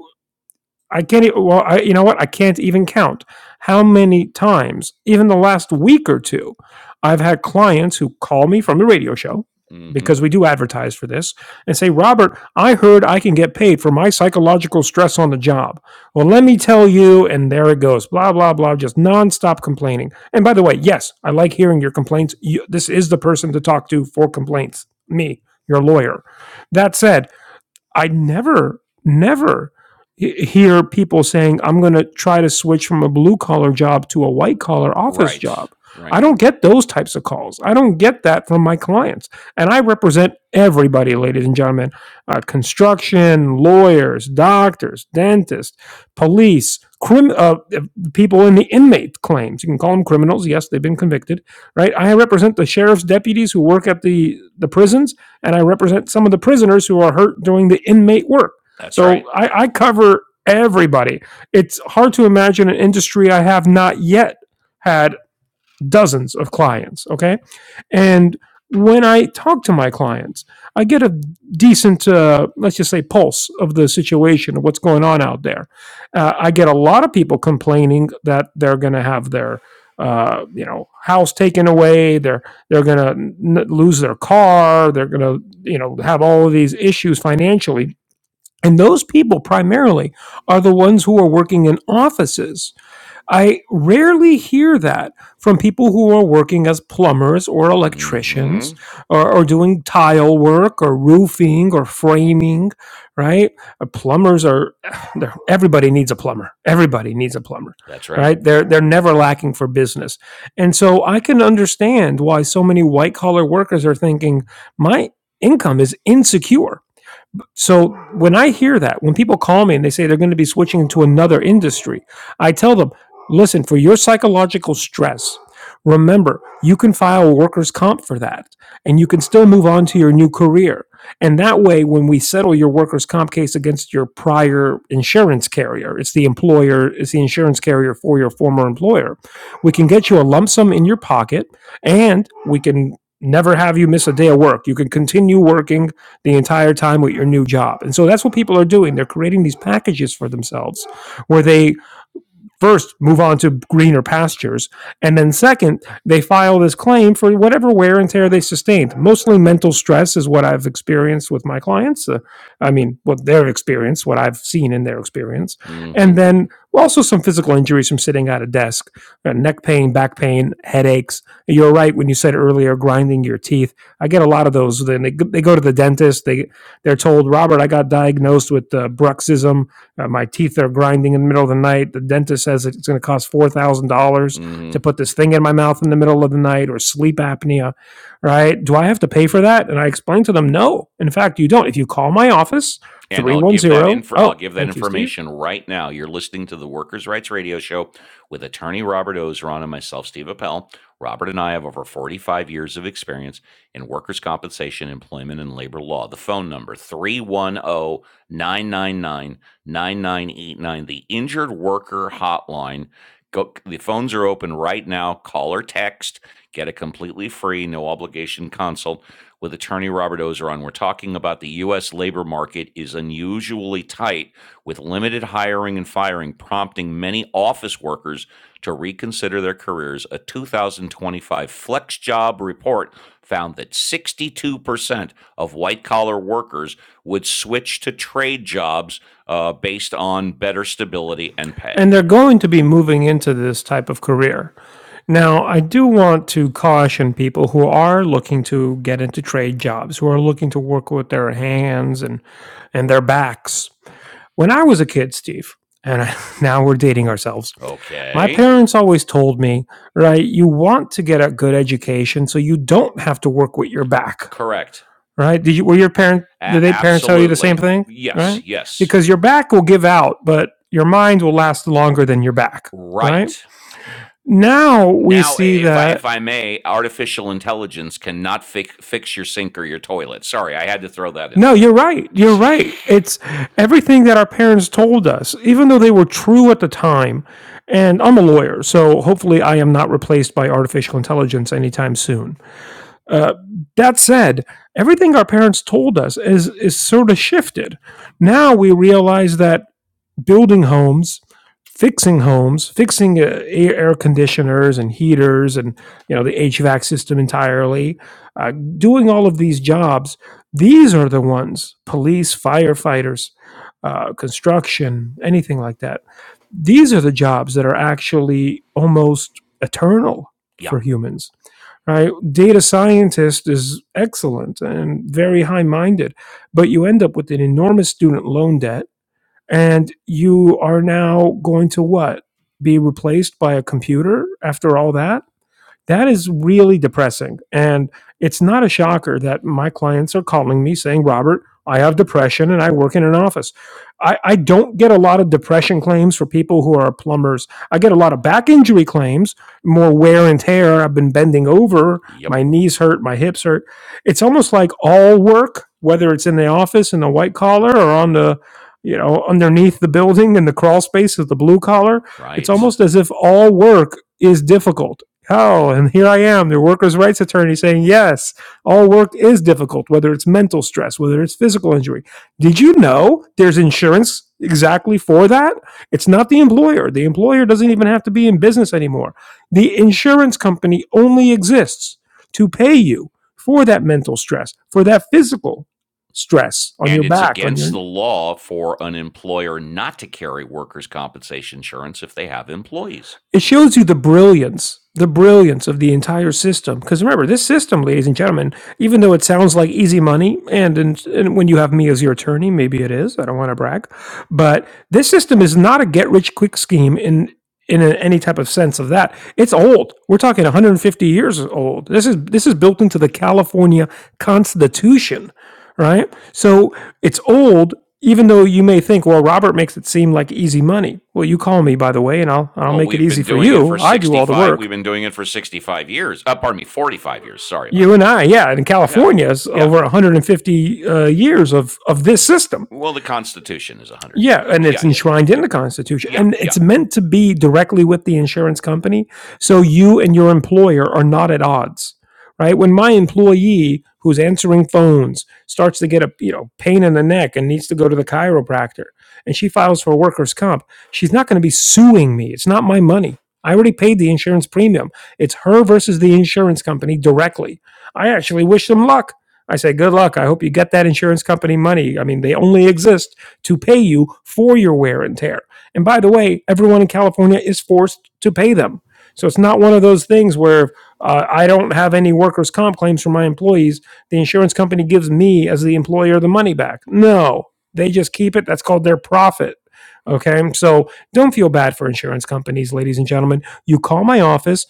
Speaker 2: I can't. even. well, I, you know what? I can't even count how many times, even the last week or two, I've had clients who call me from the radio show
Speaker 1: mm hmm
Speaker 2: because we do advertise for this and say, "Robert, I heard I can get paid for my psychological stress on the job." Well, let me tell you, and there it goes, blah blah blah, just nonstop complaining. And by the way, yes, I like hearing your complaints. You, this is the person to talk to for complaints. Me, your lawyer. That said. I never, never hear people saying, I'm going to try to switch from a blue collar job to a white collar office
Speaker 1: Right.
Speaker 2: job. I
Speaker 1: Right.
Speaker 2: don't get those types of calls. I don't get that from my clients. And I represent everybody, ladies and gentlemen uh, construction, lawyers, doctors, dentists, police, crim- uh, people in the inmate claims. You can call them criminals. Yes, they've been convicted, right? I represent the sheriff's deputies who work at the, the prisons and I represent some of the prisoners who are hurt doing the inmate work.
Speaker 1: That's right.
Speaker 2: So I, I cover everybody. It's hard to imagine an industry I have not yet had dozens of clients. Okay. And when I talk to my clients, I get a decent, uh, let's just say, pulse of the situation of what's going on out there. Uh, I get a lot of people complaining that they're going to have their, uh, you know, house taken away. They're they're going to n- lose their car. They're going to, you know, have all of these issues financially. And those people primarily are the ones who are working in offices I rarely hear that from people who are working as plumbers or
Speaker 1: mm hmm
Speaker 2: electricians or, or doing tile work or roofing or framing, right? Uh, plumbers are they're- everybody needs a plumber. Everybody needs a plumber,
Speaker 1: That's right.
Speaker 2: right? They're they're never lacking for business. And so I can understand why so many white collar workers are thinking my income is insecure so when I hear that, when people call me and they say they're going to be switching into another industry, I tell them, listen, for your psychological stress, remember you can file workers' comp for that and you can still move on to your new career. And that way, when we settle your workers' comp case against your prior insurance carrier, it's the employer, it's the insurance carrier for your former employer, we can get you a lump sum in your pocket and we can never have you miss a day of work. You can continue working the entire time with your new job. And so that's what people are doing. They're creating these packages for themselves where they first move on to greener pastures. And then second, they file this claim for whatever wear and tear they sustained. Mostly mental stress is what I've experienced with my clients. Uh, I mean, what their experience, what I've seen in their experience.
Speaker 1: mm hmm
Speaker 2: And then also some physical injuries from sitting at a desk, uh, neck pain, back pain, headaches. You're right when you said earlier grinding your teeth. I get a lot of those. Then they, go- they go to the dentist, they they're told, "Robert, I got diagnosed with uh, bruxism." Uh, my teeth are grinding in the middle of the night. The dentist says it's going to cost four thousand dollars
Speaker 1: mm hmm
Speaker 2: to put this thing in my mouth in the middle of the night, or sleep apnea, right? Do I have to pay for that? And I explained to them, no. In fact, you don't. If you call my office,
Speaker 1: And
Speaker 2: three
Speaker 1: I'll
Speaker 2: one
Speaker 1: give that
Speaker 2: zero,
Speaker 1: info
Speaker 2: oh,
Speaker 1: I'll give that
Speaker 2: thank you, Steve.
Speaker 1: information right now. You're listening to the Workers' Rights Radio Show with attorney Robert Ozeron and myself, Steve Appel. Robert and I have over 45 years of experience in workers' compensation, employment, and labor law. The phone number three one zero nine nine nine nine nine eight nine. the injured worker hotline. Go, the phones are open right now. Call or text. Get a completely free, no obligation consult with attorney Robert Ozeron. We're talking about the U.S. labor market is unusually tight, with limited hiring and firing prompting many office workers to reconsider their careers. A 2025 Flex Job report found that 62% of white collar workers would switch to trade jobs uh, based on better stability and
Speaker 2: And
Speaker 1: pay.
Speaker 2: they're going to be moving into this type of career. Now, I do want to caution people who are looking to get into trade jobs, who are looking to work with their hands and and their backs When I was a kid, Steve, and I, now we're dating ourselves, my
Speaker 1: Okay,
Speaker 2: parents always told me, right, you want to get a good education so you don't have to work with your back,
Speaker 1: correct.
Speaker 2: right? Did you, were your parent,
Speaker 1: A-
Speaker 2: did they parents tell you the same
Speaker 1: absolutely.
Speaker 2: thing,
Speaker 1: Yes,
Speaker 2: right?
Speaker 1: yes.
Speaker 2: Because your back will give out, but your mind will last longer than your back, right?
Speaker 1: Right.
Speaker 2: Now we
Speaker 1: Now,
Speaker 2: see
Speaker 1: if I
Speaker 2: that
Speaker 1: if I may, artificial intelligence cannot fix fix your sink or your toilet. Sorry, I had to throw that in
Speaker 2: No,
Speaker 1: there.
Speaker 2: you're right. You're right. It's everything that our parents told us, even though they were true at the time. And I'm a lawyer, so hopefully I am not replaced by artificial intelligence anytime soon. Uh, that said, everything our parents told us is is sort of shifted. Now we realize that building homes, fixing homes, fixing uh, air, conditioners and heaters, and you know the HVAC system entirely, uh, doing all of these jobs. These are the ones: police, firefighters, uh, construction, anything like that. These are the jobs that are actually almost eternal
Speaker 1: yeah.
Speaker 2: for humans. Right? Data scientist is excellent and very high minded, but you end up with an enormous student loan debt and you are now going to what? Be replaced by a computer after all that? That is really depressing. And it's not a shocker that my clients are calling me saying, Robert, I have depression and I work in an office. I, I don't get a lot of depression claims for people who are plumbers. I get a lot of back injury claims, more wear and tear. I've been bending over,
Speaker 1: Yep.
Speaker 2: my knees hurt, my hips hurt. It's almost like all work, whether it's in the office in the white collar or on the you know, underneath the building in the crawl space of the blue collar, it's
Speaker 1: Right.
Speaker 2: almost as if all work is difficult Oh, and here I am, the workers' rights attorney saying, yes, all work is difficult, whether it's mental stress, whether it's physical injury. Did you know there's insurance exactly for that? It's not the employer. The employer doesn't even have to be in business anymore. The insurance company only exists to pay you for that mental stress, for that physical stress on
Speaker 1: And
Speaker 2: your
Speaker 1: it's
Speaker 2: back, on
Speaker 1: against
Speaker 2: your
Speaker 1: the law for an employer not to carry workers' compensation insurance if they have employees.
Speaker 2: It shows you the brilliance, the brilliance of the entire system. Because remember, this system, ladies and gentlemen, even though it sounds like easy money, and, and, and when you have me as your attorney, maybe it is. I don't want to brag, but this system is not a get rich quick scheme in in a- any type of sense of that. It's old. We're talking 150 years old. This is this is built into the California Constitution, right? So it's old, even though you may think, well, Robert makes it seem like easy money. Well, you call me, by the way, and I'll I'll
Speaker 1: Well,
Speaker 2: make it
Speaker 1: we've been
Speaker 2: easy for
Speaker 1: doing it
Speaker 2: you.
Speaker 1: for
Speaker 2: I do all the
Speaker 1: 65 we've
Speaker 2: work.
Speaker 1: been doing it for 65 years. Uh, pardon me, 45 years. Sorry about
Speaker 2: You
Speaker 1: that.
Speaker 2: and
Speaker 1: Yeah.
Speaker 2: I, yeah, in
Speaker 1: Yeah.
Speaker 2: California, it's
Speaker 1: Yeah.
Speaker 2: over 150 uh, years of of this system.
Speaker 1: Well, the Constitution is
Speaker 2: Yeah,
Speaker 1: 150
Speaker 2: and
Speaker 1: years.
Speaker 2: it's
Speaker 1: Yeah, yeah, yeah,
Speaker 2: enshrined in
Speaker 1: yeah.
Speaker 2: the
Speaker 1: Yeah,
Speaker 2: Constitution,
Speaker 1: yeah.
Speaker 2: and
Speaker 1: yeah.
Speaker 2: it's meant to be directly with the insurance company. So you and your employer are not at odds, right? When my employee who's answering phones starts to get a you know pain in the neck and needs to go to the chiropractor, and she files for workers' comp, she's not going to be suing me. It's not my money. I already paid the insurance premium. It's her versus the insurance company directly. I actually wish them luck. I say, good luck. I hope you get that insurance company money. I mean, they only exist to pay you for your wear and tear. And by the way, everyone in California is forced to pay them. So it's not one of those things where uh, I don't have any workers' comp claims from my employees. The insurance company gives me, as the employer, the money back. No, they just keep it. That's called their profit. Okay, so don't feel bad for insurance companies, ladies and gentlemen. You call my office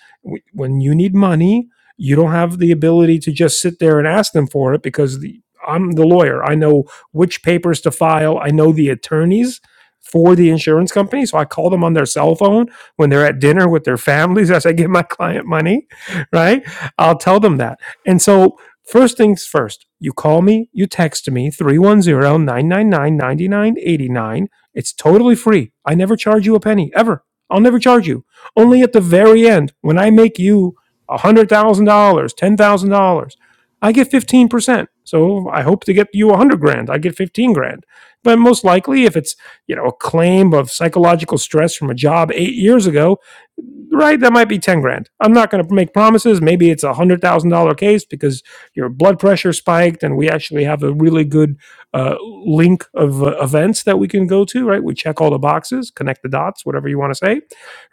Speaker 2: when you need money. You don't have the ability to just sit there and ask them for it because the, I'm the lawyer. I know which papers to file. I know the attorneys for the insurance company. So I call them on their cell phone when they're at dinner with their families as I give my client money, right? I'll tell them that. And so, first things first, you call me, you text me three one zero nine nine nine ninety nine eighty nine. It's totally free. I never charge you a penny ever. I'll never charge you. Only at the very end when I make you $100,000, $10,000, I get 15% ten percent. So I hope to get you a hundred grand. I get fifteen grand. But most likely, if it's you know a claim of psychological stress from a job eight years ago, right? That might be ten grand. I'm not going to make promises. Maybe it's a one hundred thousand dollar case because your blood pressure spiked, and we actually have a really good uh, link of uh, events that we can go to. Right? We check all the boxes, connect the dots, whatever you want to say.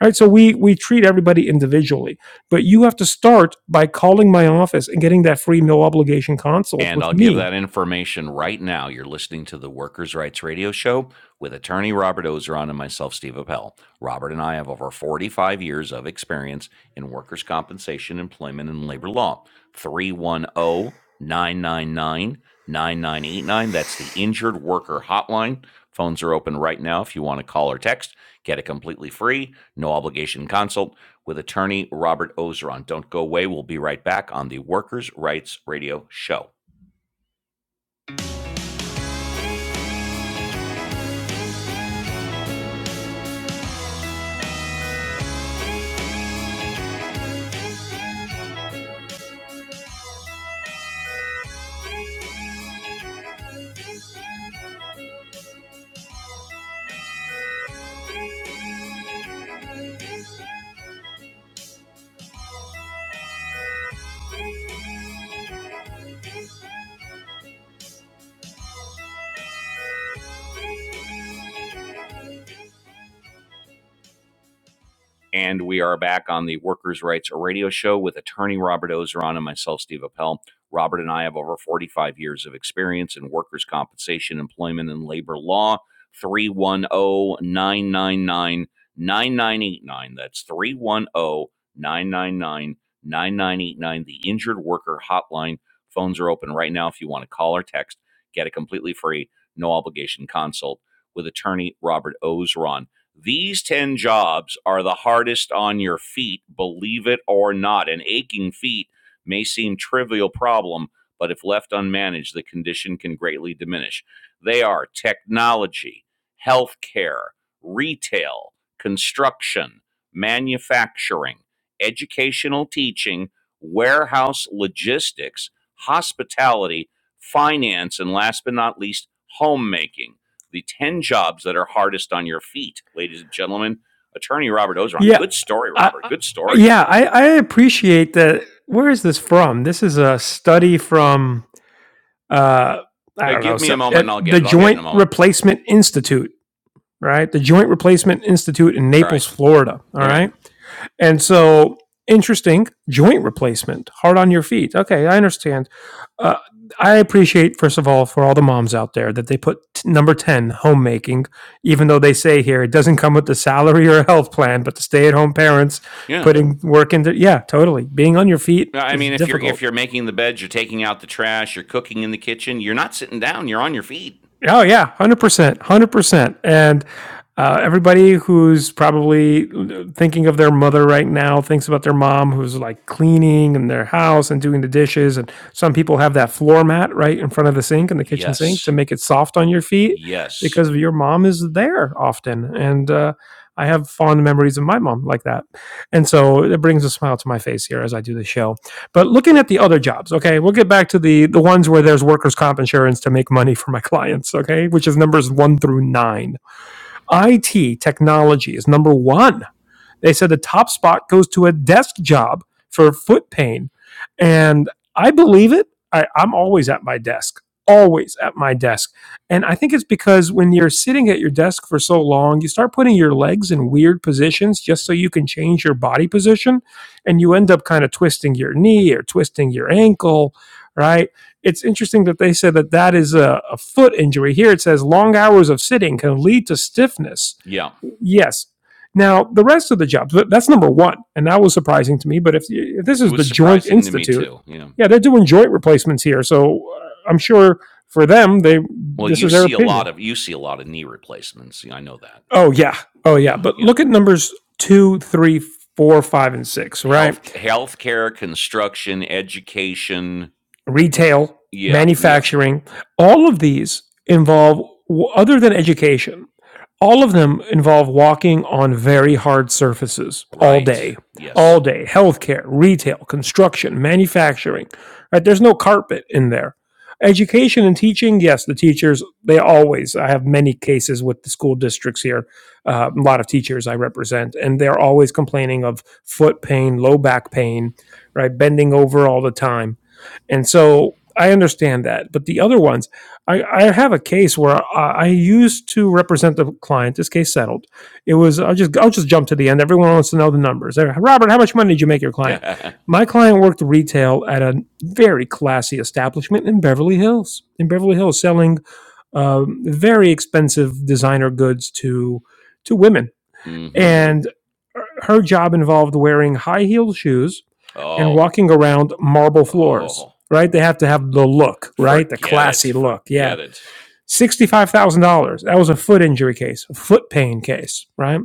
Speaker 2: Right? So we we treat everybody individually but you have to start by calling my office and getting that free no obligation consult
Speaker 1: And
Speaker 2: with
Speaker 1: I'll give
Speaker 2: me.
Speaker 1: that information right now. You're listening to the Workers' Rights Radio Show with attorney Robert Ozeron and myself, Steve Appel. Robert and I have over 45 years of experience in workers' compensation, employment, and labor law. 310 999 9989. That's the Injured Worker Hotline. Phones are open right now if you want to call or text. Get a completely free, no obligation consult with attorney Robert Ozeron. Don't go away. We'll be right back on the Workers' Rights Radio Show. And we are back on the Workers' Rights Radio Show with attorney Robert Ozeron and myself, Steve Appel. Robert and I have over 45 years of experience in workers' compensation, employment, and labor law. 310 999 9989. That's 310 999 9989. The Injured Worker Hotline. Phones are open right now if you want to call or text. Get a completely free, no obligation consult with attorney Robert Ozeron. These 10 jobs are the hardest on your feet, believe it or not. An aching feet may seem trivial problem, but if left unmanaged, the condition can greatly diminish. They are technology, healthcare, retail, construction, manufacturing, educational teaching, warehouse logistics, hospitality, finance, and last but not least, homemaking the 10 jobs that are hardest on your feet, ladies and gentlemen. Attorney Robert Ozeron.
Speaker 2: Yeah,
Speaker 1: Good story,
Speaker 2: I,
Speaker 1: Robert.
Speaker 2: I-
Speaker 1: Good story.
Speaker 2: yeah, I, I appreciate that. Where is this from? This is a study from uh, I
Speaker 1: Now,
Speaker 2: don't know,
Speaker 1: give me a
Speaker 2: so
Speaker 1: moment and
Speaker 2: at
Speaker 1: I'll get
Speaker 2: the
Speaker 1: it. I'll get it in a
Speaker 2: Joint
Speaker 1: moment.
Speaker 2: Replacement Institute, right? The Joint Replacement Institute in
Speaker 1: All right.
Speaker 2: Naples, Florida. All
Speaker 1: Okay.
Speaker 2: right. And so, interesting joint replacement, hard on your feet. Okay, I understand. Uh, I appreciate, first of all, for all the moms out there that they put t- number 10, homemaking, even though they say here it doesn't come with the salary or a health plan, but the stay at home parents
Speaker 1: Yeah.
Speaker 2: putting work into, yeah, totally. Being on your feet
Speaker 1: No, I
Speaker 2: is
Speaker 1: mean, if you're
Speaker 2: difficult.
Speaker 1: if you're making the beds, you're taking out the trash, you're cooking in the kitchen, you're not sitting down, you're on your feet.
Speaker 2: Oh yeah, one hundred percent, one hundred percent. And uh, everybody who's probably thinking of their mother right now thinks about their mom who's like cleaning in their house and doing the dishes. And some people have that floor mat right in front of the sink and the kitchen sink to
Speaker 1: Yes.
Speaker 2: make it soft on your feet
Speaker 1: Yes.
Speaker 2: because your mom is there often. And uh, I have fond memories of my mom like that, and so it brings a smile to my face here as I do the show. But looking at the other jobs, okay, we'll get back to the the ones where there's workers' comp insurance to make money for my clients, okay, which is numbers one through nine. IT technology is number one they said the top spot goes to a desk job for foot pain. And I believe it. I, I'm always at my desk, always at my desk. And I think it's because when you're sitting at your desk for so long, you start putting your legs in weird positions just so you can change your body position. And you end up kind of twisting your knee or twisting your ankle, right? It's interesting that they said that that is a, a foot injury. Here it says long hours of sitting can lead to stiffness.
Speaker 1: Yeah.
Speaker 2: Yes, now, the rest of the jobs, that's number one. And that was surprising to me. But if, if this
Speaker 1: It
Speaker 2: is the
Speaker 1: was
Speaker 2: Joint
Speaker 1: surprising to me
Speaker 2: Institute,
Speaker 1: too. Yeah.
Speaker 2: yeah, they're doing joint replacements here. So uh, I'm sure for them, they
Speaker 1: Well,
Speaker 2: this
Speaker 1: you
Speaker 2: is their
Speaker 1: see a lot
Speaker 2: opinion.
Speaker 1: of you see a lot of knee replacements. Yeah, I know that.
Speaker 2: Oh, yeah. Oh, yeah.
Speaker 1: Yeah.
Speaker 2: But
Speaker 1: Yeah.
Speaker 2: look at numbers two, three, four, five, and six, right?
Speaker 1: Health healthcare, construction, education.
Speaker 2: retail,
Speaker 1: Yeah. Yeah.
Speaker 2: manufacturing, all of these involve, other than education, all of them involve walking on very hard surfaces all
Speaker 1: Right.
Speaker 2: day, all
Speaker 1: Yes.
Speaker 2: day. Healthcare, retail, construction, manufacturing, right? There's no carpet in there. Education and teaching, yes, the teachers, they always, I have many cases with the school districts here, uh, a lot of teachers I represent, and they're always complaining of foot pain, low back pain, right? Bending over all the time and so I understand that. But the other ones, I, I have a case where I, I used to represent the client. This case settled. It was I'll just I'll just jump to the end. Everyone wants to know the numbers. Robert, how much money did you make your client?
Speaker 1: mm-hmm.
Speaker 2: My client worked retail at a very classy establishment in Beverly Hills. In Beverly Hills, selling um, very expensive designer goods to to women and her job involved wearing high heeled shoes and
Speaker 1: Oh.
Speaker 2: walking around marble floors.
Speaker 1: Oh.
Speaker 2: Right, they have to have the look, right, the
Speaker 1: Forget it.
Speaker 2: classy look. Yeah,
Speaker 1: Forget it.
Speaker 2: sixty five thousand dollars. That was a foot injury case, a foot pain case, right?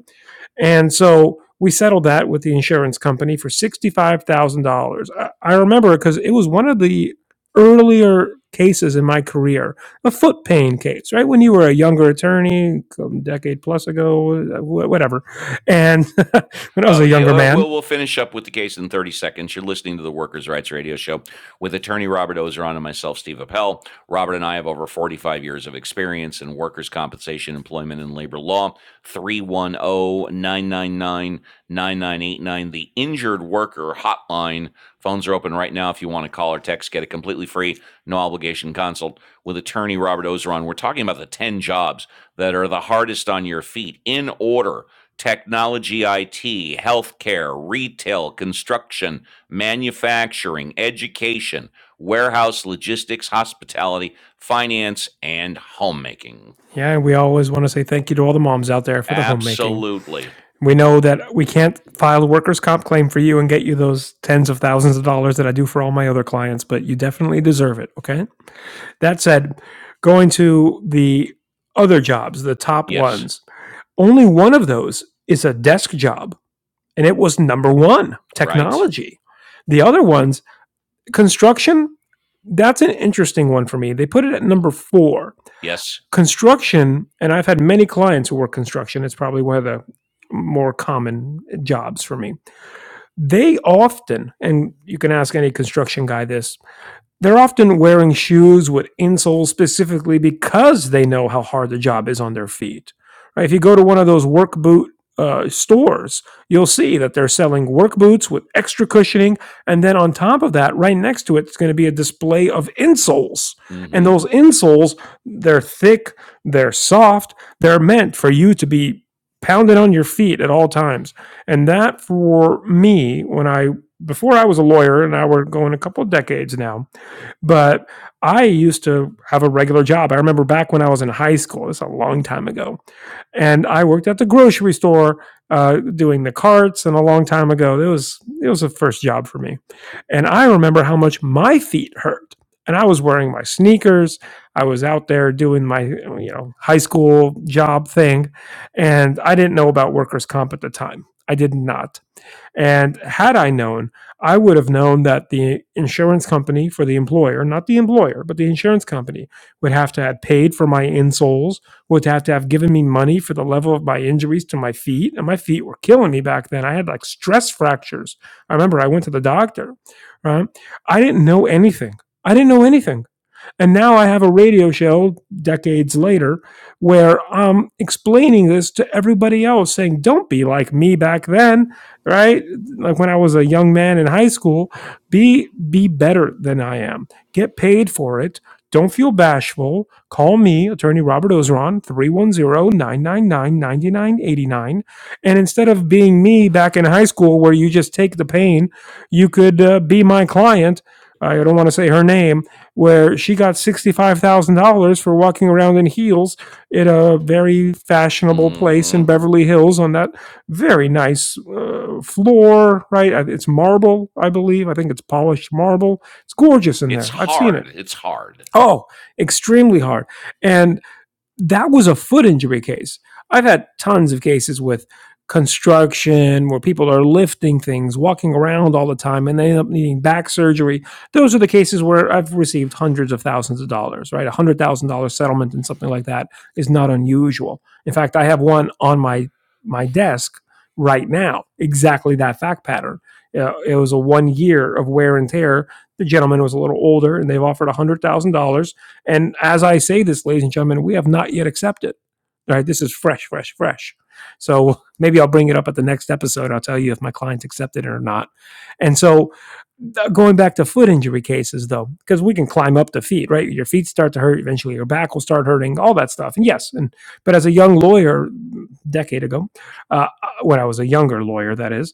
Speaker 2: And so we settled that with the insurance company for $65,000. I- I remember because it was one of the earlier cases in my career, a foot pain case, right? When you were a younger attorney, a decade plus ago, uh, whatever. And when I was
Speaker 1: Uh,
Speaker 2: a
Speaker 1: yeah,
Speaker 2: younger
Speaker 1: uh,
Speaker 2: man,
Speaker 1: we'll we'll finish up with the case in 30 seconds. You're listening to the Workers' Rights Radio Show with attorney Robert Ozeron and myself, Steve Appel. Robert and I have over 45 years of experience in workers' compensation, employment, and labor law. Three one o nine nine nine nine nine eight nine. the Injured Worker Hotline. Phones are open right now if you want to call or text. Get a completely free, no obligation consult with attorney Robert Ozeron. We're talking about the 10 jobs that are the hardest on your feet in order technology IT, healthcare, retail, construction, manufacturing, education, warehouse, logistics, hospitality, finance, and homemaking.
Speaker 2: yeah, we always want to say thank you to all the moms out there for the homemaking.
Speaker 1: Absolutely.
Speaker 2: We know that we can't file a workers' comp claim for you and get you those tens of thousands of dollars that I do for all my other clients, but you definitely deserve it. Okay. That said, going to the other jobs, the top
Speaker 1: Yes.
Speaker 2: ones, only one of those is a desk job, and it was number one
Speaker 1: Right.
Speaker 2: technology. The other ones, construction, that's an interesting one for me. They put it at number four.
Speaker 1: Yes.
Speaker 2: Construction, and I've had many clients who work construction, it's probably one of the more common jobs for me. They often, and you can ask any construction guy this, they're often wearing shoes with insoles specifically because they know how hard the job is on their feet. Right? If you go to one of those work boot uh, stores, you'll see that they're selling work boots with extra cushioning. And then on top of that, right next to it, it's going to be a display of insoles. And
Speaker 1: Mm-hmm.
Speaker 2: those insoles, they're thick, they're soft, they're meant for you to be pounded on your feet at all times. And that for me, when I, before I was a lawyer, and I were going a couple of decades now, but I used to have a regular job. I remember back when I was in high school, it's a long time ago. And I worked at the grocery store uh, doing the carts and a long time ago. It was it was a first job for me. And I remember how much my feet hurt. And I was wearing my sneakers. I was out there doing my you know high school job thing. And I didn't know about workers' comp at the time. I did not. And had I known, I would have known that the insurance company for the employer, not the employer, but the insurance company, would have to have paid for my insoles, would have to have given me money for the level of my injuries to my feet. And my feet were killing me back then. I had like stress fractures. I remember I went to the doctor, right? I didn't know anything. I didn't know anything. And now I have a radio show decades later where I'm explaining this to everybody else, saying, don't be like me back then, right? Like when I was a young man in high school, be be better than I am. Get paid for it. Don't feel bashful. Call me, attorney Robert Ozeron, three one zero nine nine nine ninety nine eighty nine. And instead of being me back in high school where you just take the pain, you could uh, be my client. I don't want to say her name, where she got $65,000 for walking around in heels in a very fashionable place
Speaker 1: Mm-hmm.
Speaker 2: in Beverly Hills on that very nice uh, floor, right? Uh, It's marble, I believe. I think it's polished marble. It's gorgeous in
Speaker 1: It's
Speaker 2: there. I've seen it.
Speaker 1: hard. It's hard.
Speaker 2: Oh, extremely hard. And that was a foot injury case. I've had tons of cases with construction where people are lifting things, walking around all the time, and they end up needing back surgery. Those are the cases where I've received hundreds of thousands of dollars, right? A hundred thousand dollar settlement and something like that is not unusual. In fact, I have one on my my desk right now, exactly that fact pattern. Uh, it was a one year of wear and tear. The gentleman was a little older, and they've offered a hundred thousand dollars and as I say this, ladies and gentlemen, we have not yet accepted. Right? This is fresh, fresh, fresh. So maybe I'll bring it up at the next episode. I'll tell you if my clients accepted it or not. And so uh, going back to foot injury cases though, because we can climb up the feet, right? Your feet start to hurt, eventually your back will start hurting, all that stuff. And yes, and but as a young lawyer, decade ago, uh, uh, when I was a younger lawyer, that is,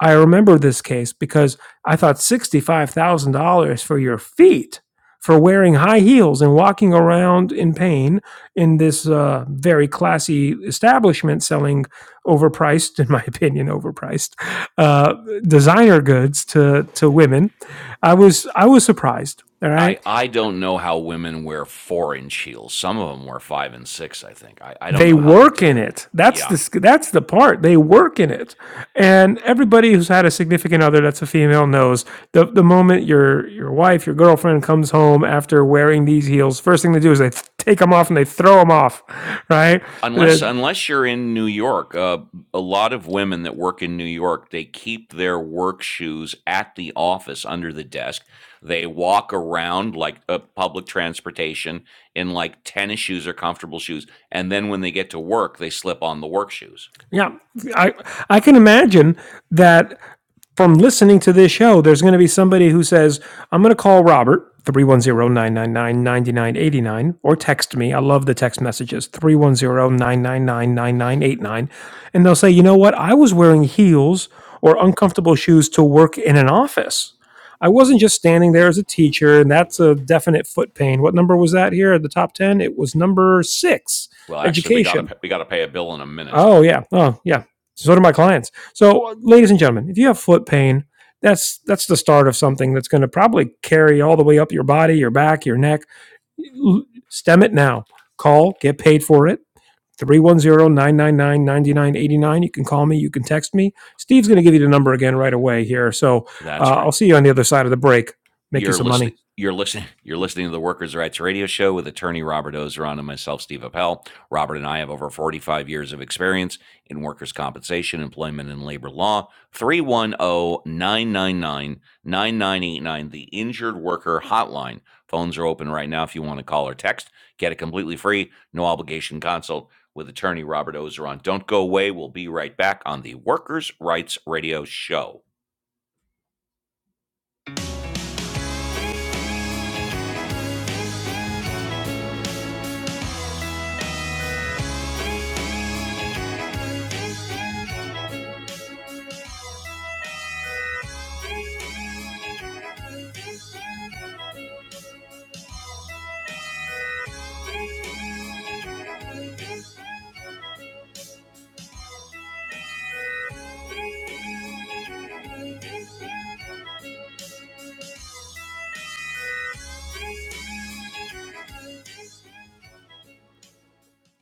Speaker 2: I remember this case because I thought $65,000 for your feet for wearing high heels and walking around in pain in this uh, very classy establishment selling overpriced, in my opinion, overpriced uh, designer goods to, to women. I was, I was surprised. All right
Speaker 1: I, I don't know how women wear four inch heels. Some of them wear five and six, I think. I, I don't
Speaker 2: they
Speaker 1: know how they
Speaker 2: work
Speaker 1: do
Speaker 2: in
Speaker 1: it.
Speaker 2: it. That's
Speaker 1: Yeah.
Speaker 2: the that's the part. They work in it, and everybody who's had a significant other that's a female knows the the moment your your wife your girlfriend comes home after wearing these heels, first thing they do is they take them off and they throw them off, right?
Speaker 1: unless unless you're in New York, uh, a lot of women that work in New York they keep their work shoes at the office under the desk. They walk around like uh, public transportation in like tennis shoes or comfortable shoes, and then when they get to work, they slip on the work shoes.
Speaker 2: yeah, I I can imagine that from listening to this show, there's going to be somebody who says, I'm going to call Robert, three one zero nine nine nine ninety nine eighty nine, or text me. I love the text messages, 310 999 And they'll say, you know what? I was wearing heels or uncomfortable shoes to work in an office. I wasn't just standing there as a teacher, and that's a definite foot pain. What number was that here at the top 10? It was number six,
Speaker 1: Well, actually, we got
Speaker 2: education.
Speaker 1: to we got to pay a bill in a minute.
Speaker 2: Oh yeah. Oh yeah. So do my clients. So, ladies and gentlemen, if you have foot pain, that's that's the start of something that's going to probably carry all the way up your body, your back, your neck. Stem it now. Call, get paid for it. Three one zero nine nine nine ninety nine eighty nine. you can call me you can text me steve's going to give you the number again right away here so
Speaker 1: That's
Speaker 2: uh, i'll
Speaker 1: right.
Speaker 2: see you on the other side of the break make you
Speaker 1: You're
Speaker 2: some
Speaker 1: listening.
Speaker 2: money
Speaker 1: You're listening. You're listening to the Workers' Rights Radio Show with attorney Robert Ozeron and myself, Steve Appel. Robert and I have over 45 years of experience in workers' compensation, employment, and labor law. Three one o nine nine nine nine nine eight nine. the Injured Worker Hotline. Phones are open right now if you want to call or text. Get a completely free, no obligation consult with attorney Robert Ozeron. Don't go away. We'll be right back on the Workers' Rights Radio Show.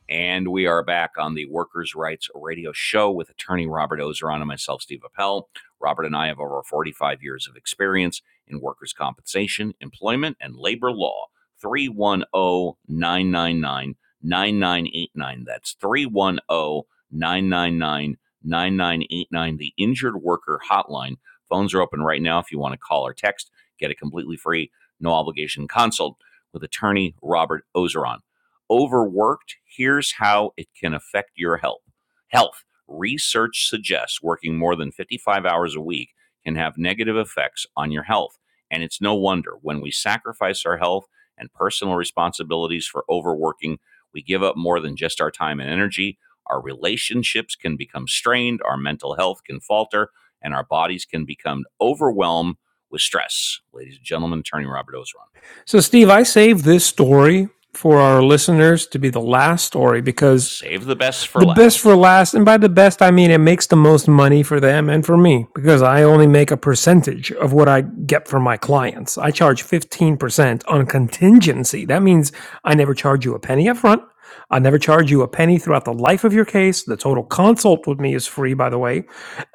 Speaker 1: And we are back on the Workers' Rights Radio Show with attorney Robert Ozeron and myself, Steve Appel. Robert and I have over 45 years of experience in workers' compensation, employment, and labor law. Three one o 999 9989. That's three one o 999 9989. the Injured Worker Hotline. Phones are open right now if you want to call or text, get a completely free, no obligation consult with attorney Robert Ozeron overworked, here's how it can affect your health. Health research suggests working more than 55 hours a week can have negative effects on your health. And it's no wonder when we sacrifice our health and personal responsibilities for overworking, we give up more than just our time and energy. Our relationships can become strained, our mental health can falter, and our bodies can become overwhelmed with stress. Ladies and gentlemen, attorney Robert Ozeron.
Speaker 2: so steve i saved this story for our listeners to be the last story because
Speaker 1: Save the best for
Speaker 2: the best
Speaker 1: last.
Speaker 2: for last. And by the best, I mean it makes the most money for them and for me because I only make a percentage of what I get from my clients. I charge 15% on contingency. That means I never charge you a penny up front. I never charge you a penny throughout the life of your case. The total consult with me is free, by the way.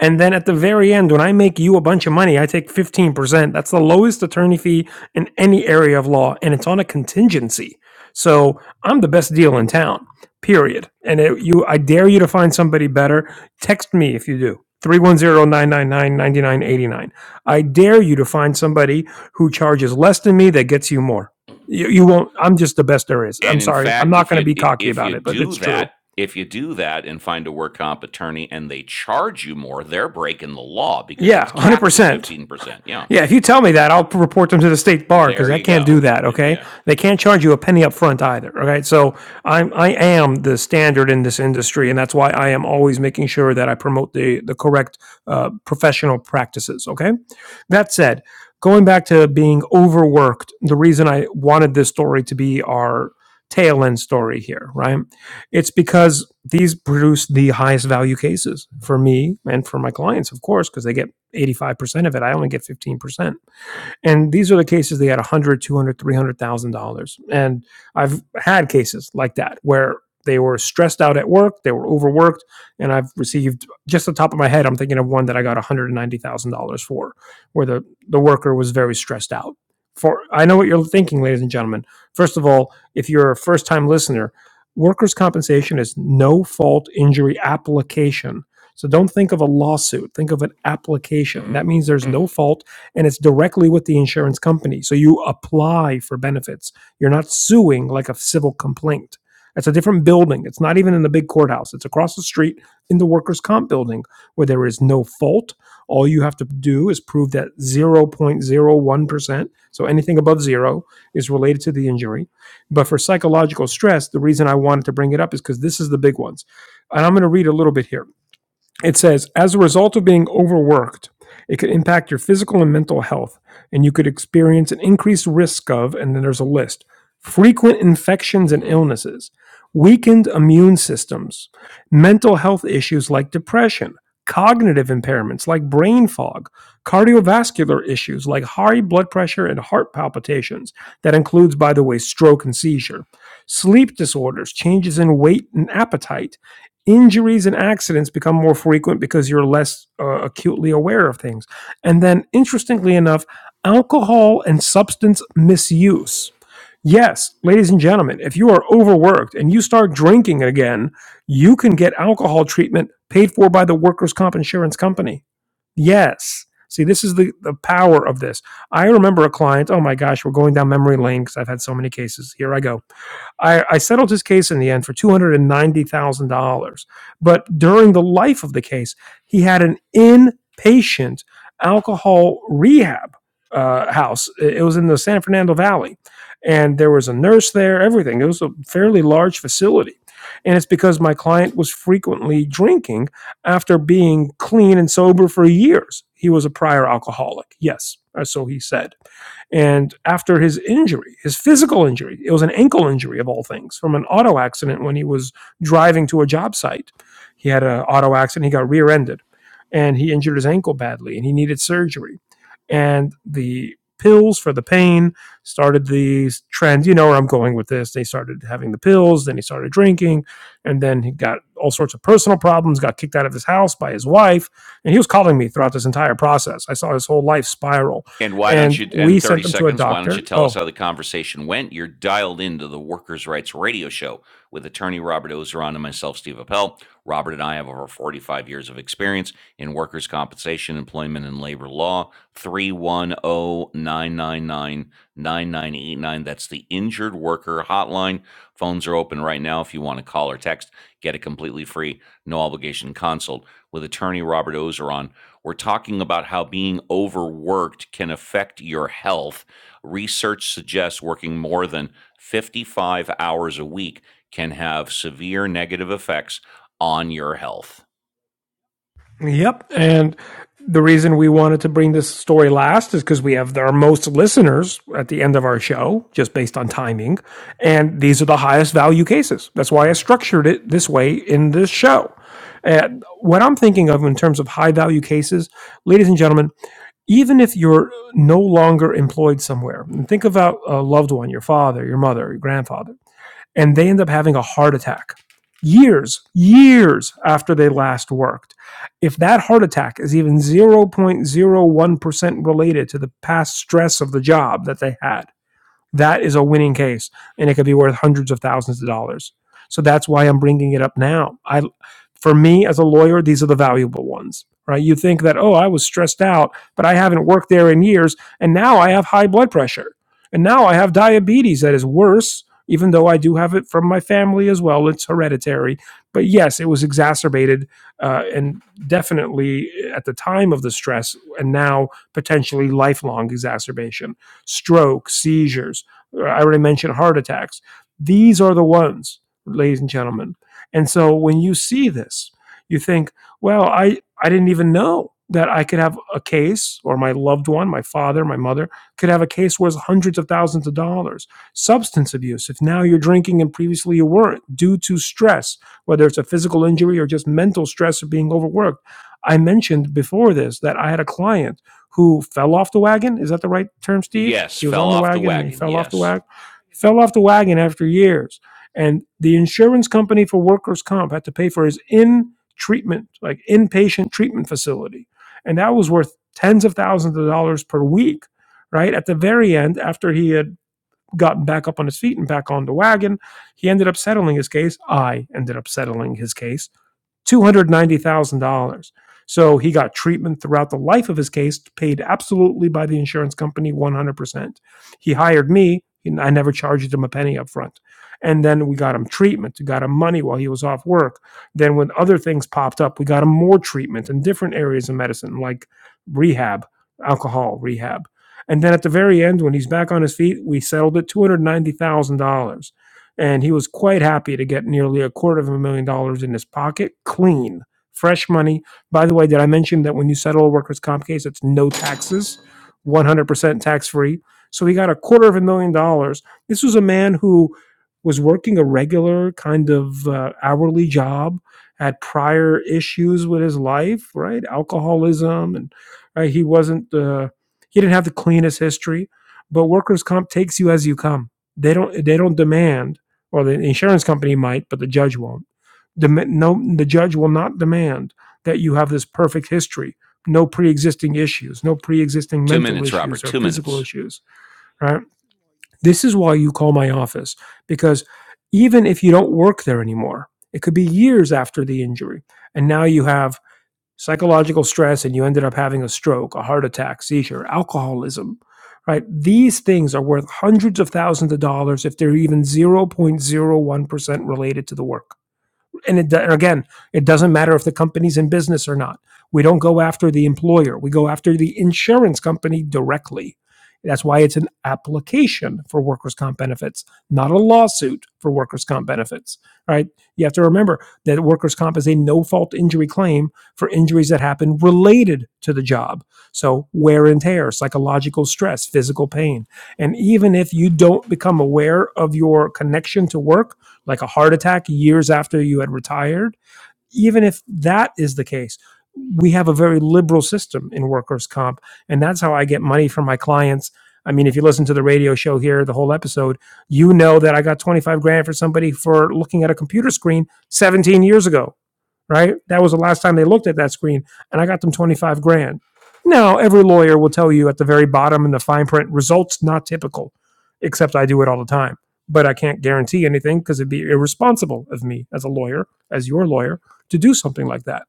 Speaker 2: And then at the very end, when I make you a bunch of money, I take 15%. That's the lowest attorney fee in any area of law, and it's on a contingency. So I'm the best deal in town period. And it, you, I dare you to find somebody better. Text me if you do. Three one zero nine nine nine ninety nine eighty nine. I dare you to find somebody who charges less than me that gets you more. You, you won't, I'm just the best there is. I'm
Speaker 1: And in
Speaker 2: sorry. I'm
Speaker 1: fact,
Speaker 2: not
Speaker 1: if
Speaker 2: going to
Speaker 1: you
Speaker 2: be cocky
Speaker 1: if you
Speaker 2: about it, but
Speaker 1: do
Speaker 2: it's true.
Speaker 1: that, if you do that and find a work comp attorney and they charge you more, they're breaking the law because
Speaker 2: Yeah,
Speaker 1: it's capped at
Speaker 2: 100%.
Speaker 1: 15%. Yeah.
Speaker 2: Yeah, if you tell me that, I'll report them to the state bar
Speaker 1: There
Speaker 2: because I
Speaker 1: you
Speaker 2: can't
Speaker 1: go.
Speaker 2: do
Speaker 1: Y-
Speaker 2: that. Okay,
Speaker 1: Yeah.
Speaker 2: they can't charge you a penny up front either. Okay, so I'm I am the standard in this industry, and that's why I am always making sure that I promote the the correct uh, professional practices. Okay, that said, going back to being overworked, the reason I wanted this story to be our tail end story here, right? It's because these produce the highest value cases for me and for my clients, of course, because they get 85% of it. I only get 15% and these are the cases they had 100 200 dollars and i've had cases like that where they were stressed out at work they were overworked and i've received just the top of my head i'm thinking of one that i got $190000 for where the, the worker was very stressed out for i know what you're thinking ladies and gentlemen first of all if you're a first time listener workers compensation is no fault injury application so don't think of a lawsuit think of an application that means there's no fault and it's directly with the insurance company. So you apply for benefits. You're not suing like a civil complaint. It's a different building. It's not even in the big courthouse. It's across the street in the workers' comp building where there is no fault. All you have to do is prove that 0.01%, so anything above zero, is related to the injury. But for psychological stress, the reason I wanted to bring it up is because this is the big ones. And I'm going to read a little bit here. It says, as a result of being overworked, it could impact your physical and mental health, and you could experience an increased risk of, and then there's a list, frequent infections and
Speaker 1: Mhm.
Speaker 2: illnesses, weakened immune systems, mental health issues like depression, cognitive impairments like brain fog, cardiovascular issues like high blood pressure and heart palpitations. That includes, by the way, stroke and seizure, sleep disorders, changes in weight and appetite Injuries and accidents become more frequent because you're less uh, acutely aware of things. And then, interestingly enough, alcohol and substance misuse. Yes, ladies and gentlemen, if you are overworked and you start drinking again, you can get alcohol treatment paid for by the workers' comp insurance company Yes. See, this is the, the power of this. I remember a client, oh my gosh, we're going down memory lane because I've had so many cases. Here I go. I, I settled his case in the end for $290,000. But during the life of the case, he had an inpatient alcohol rehab uh, house. It it was in the San Fernando Valley. And there was a nurse there, everything. It was a fairly large facility. And it's because my client was frequently drinking after being clean and sober for years. He was a prior alcoholic, yes, so he said. And after his injury, his physical injury, it was an ankle injury of all things from an auto accident when he was driving to a job site. He had an auto accident, he got rear ended, and he injured his ankle badly, and he needed surgery. And the pills for the pain started the trend, you know where I'm going with this. They started having the pills, then he started drinking and then he got all sorts of personal problems, got kicked out of his house by his wife, and he was calling me throughout this entire process. I saw his whole life spiral,
Speaker 1: And why don't
Speaker 2: and
Speaker 1: you, in
Speaker 2: we
Speaker 1: 30
Speaker 2: sent him to a
Speaker 1: seconds, why don't you
Speaker 2: doctor.
Speaker 1: tell us
Speaker 2: Oh,
Speaker 1: how the conversation went? You're dialed into the Workers' Rights Radio Show with attorney Robert Ozeron and myself, Steve Appel. Robert and I have over 45 years of experience in workers' compensation, employment, and labor law. Three one o 999 9989. That's the injured worker hotline. Phones are open right now if you want to call or text. Get a completely free, no obligation consult with attorney Robert Ozeron we're talking about how being overworked can affect your health. Research suggests working more than 55 hours a week can have severe negative effects on your health.
Speaker 2: yep. And the reason we wanted to bring this story last is because we have our most listeners at the end of our show, just based on timing, and these are the highest value cases. That's why I structured it this way in this show. And what I'm thinking of in terms of high value cases, ladies and gentlemen, even if you're no longer employed somewhere, and think about a loved one, your father, your mother, your grandfather, and they end up having a heart attack years, years after they last worked. If that heart attack is even 0.01% related to the past stress of the job that they had, that is a winning case, and it could be worth hundreds of thousands of dollars. So that's why I'm bringing it up now. I, for me as a lawyer, these are the valuable ones, right? You think that oh, I was stressed out, but I haven't worked there in years, and now I have high blood pressure, and now I have diabetes that is worse. Even though I do have it from my family as well, it's hereditary. But yes, it was exacerbated uh, and definitely at the time of the stress, and now potentially lifelong exacerbation, stroke, seizures I already mentioned heart attacks. These are the ones, ladies and gentlemen. And so when you see this, you think, well, I, I didn't even know that I could have a case, or my loved one, my father, my mother, could have a case worth hundreds of thousands of dollars. Substance abuse, if now you're drinking and previously you weren't, due to stress, whether it's a physical injury or just mental stress of being overworked. I mentioned before this that I had a client who fell off the wagon. Is that the right term, Steve?
Speaker 1: Yes,
Speaker 2: He was
Speaker 1: fell
Speaker 2: on the
Speaker 1: off the
Speaker 2: wagon and he
Speaker 1: wagon.
Speaker 2: fell off the
Speaker 1: Yes.
Speaker 2: wagon. He fell off the wagon after years. And the insurance company for workers' comp had to pay for his in treatment, like inpatient treatment facility. And that was worth tens of thousands of dollars per week, right? At the very end, after he had gotten back up on his feet and back on the wagon, he ended up settling his case. I ended up settling his case $290,000. So he got treatment throughout the life of his case, paid absolutely by the insurance company 100%. He hired me, I never charged him a penny up front. And then we got him treatment, we got him money while he was off work. Then when other things popped up, we got him more treatment in different areas of medicine, like rehab, alcohol rehab. And then at the very end, when he's back on his feet, we settled it $290,000 and he was quite happy to get nearly a quarter of a million dollars in his pocket clean fresh money by the way did i mention that when you settle a workers comp case it's no taxes 100% tax free so he got a quarter of a million dollars this was a man who was working a regular kind of uh, hourly job had prior issues with his life right alcoholism and uh, he wasn't uh, he didn't have the cleanest history but workers comp takes you as you come they don't they don't demand or the insurance company might, but the judge won't. Dem- no, the judge will not demand that you have this perfect history, no pre-existing issues, no pre-existing
Speaker 1: Two
Speaker 2: mental
Speaker 1: minutes, Robert.
Speaker 2: issues or
Speaker 1: Two
Speaker 2: physical
Speaker 1: minutes.
Speaker 2: issues. Right? This is why you call my office because even if you don't work there anymore, it could be years after the injury, and now you have psychological stress and you ended up having a stroke, a heart attack, seizure, alcoholism, right? These things are worth hundreds of thousands of dollars if they're even 0.01% related to the work and it, and again, it doesn't matter if the company's in business or not. We don't go after the employer. We go after the insurance company directly. That's why it's an application for workers' comp benefits, not a lawsuit for workers' comp benefits. All right. You have to remember that workers' comp is a no fault injury claim for injuries that happen related to the job. So, wear and tear, psychological stress, physical pain. And even if you don't become aware of your connection to work, like a heart attack years after you had retired, even if that is the case, we have a very liberal system in workers' comp. And that's how I get money from my clients. I mean, if you listen to the radio show here, the whole episode, you know that I got 25 grand for somebody for looking at a computer screen 17 years ago right? That was the last time they looked at that screen, and I got them 25 grand. Now, every lawyer will tell you at the very bottom in the fine print, results not typical, except I do it all the time. But I can't guarantee anything because it'd be irresponsible of me as a lawyer, as your lawyer, to do something like that,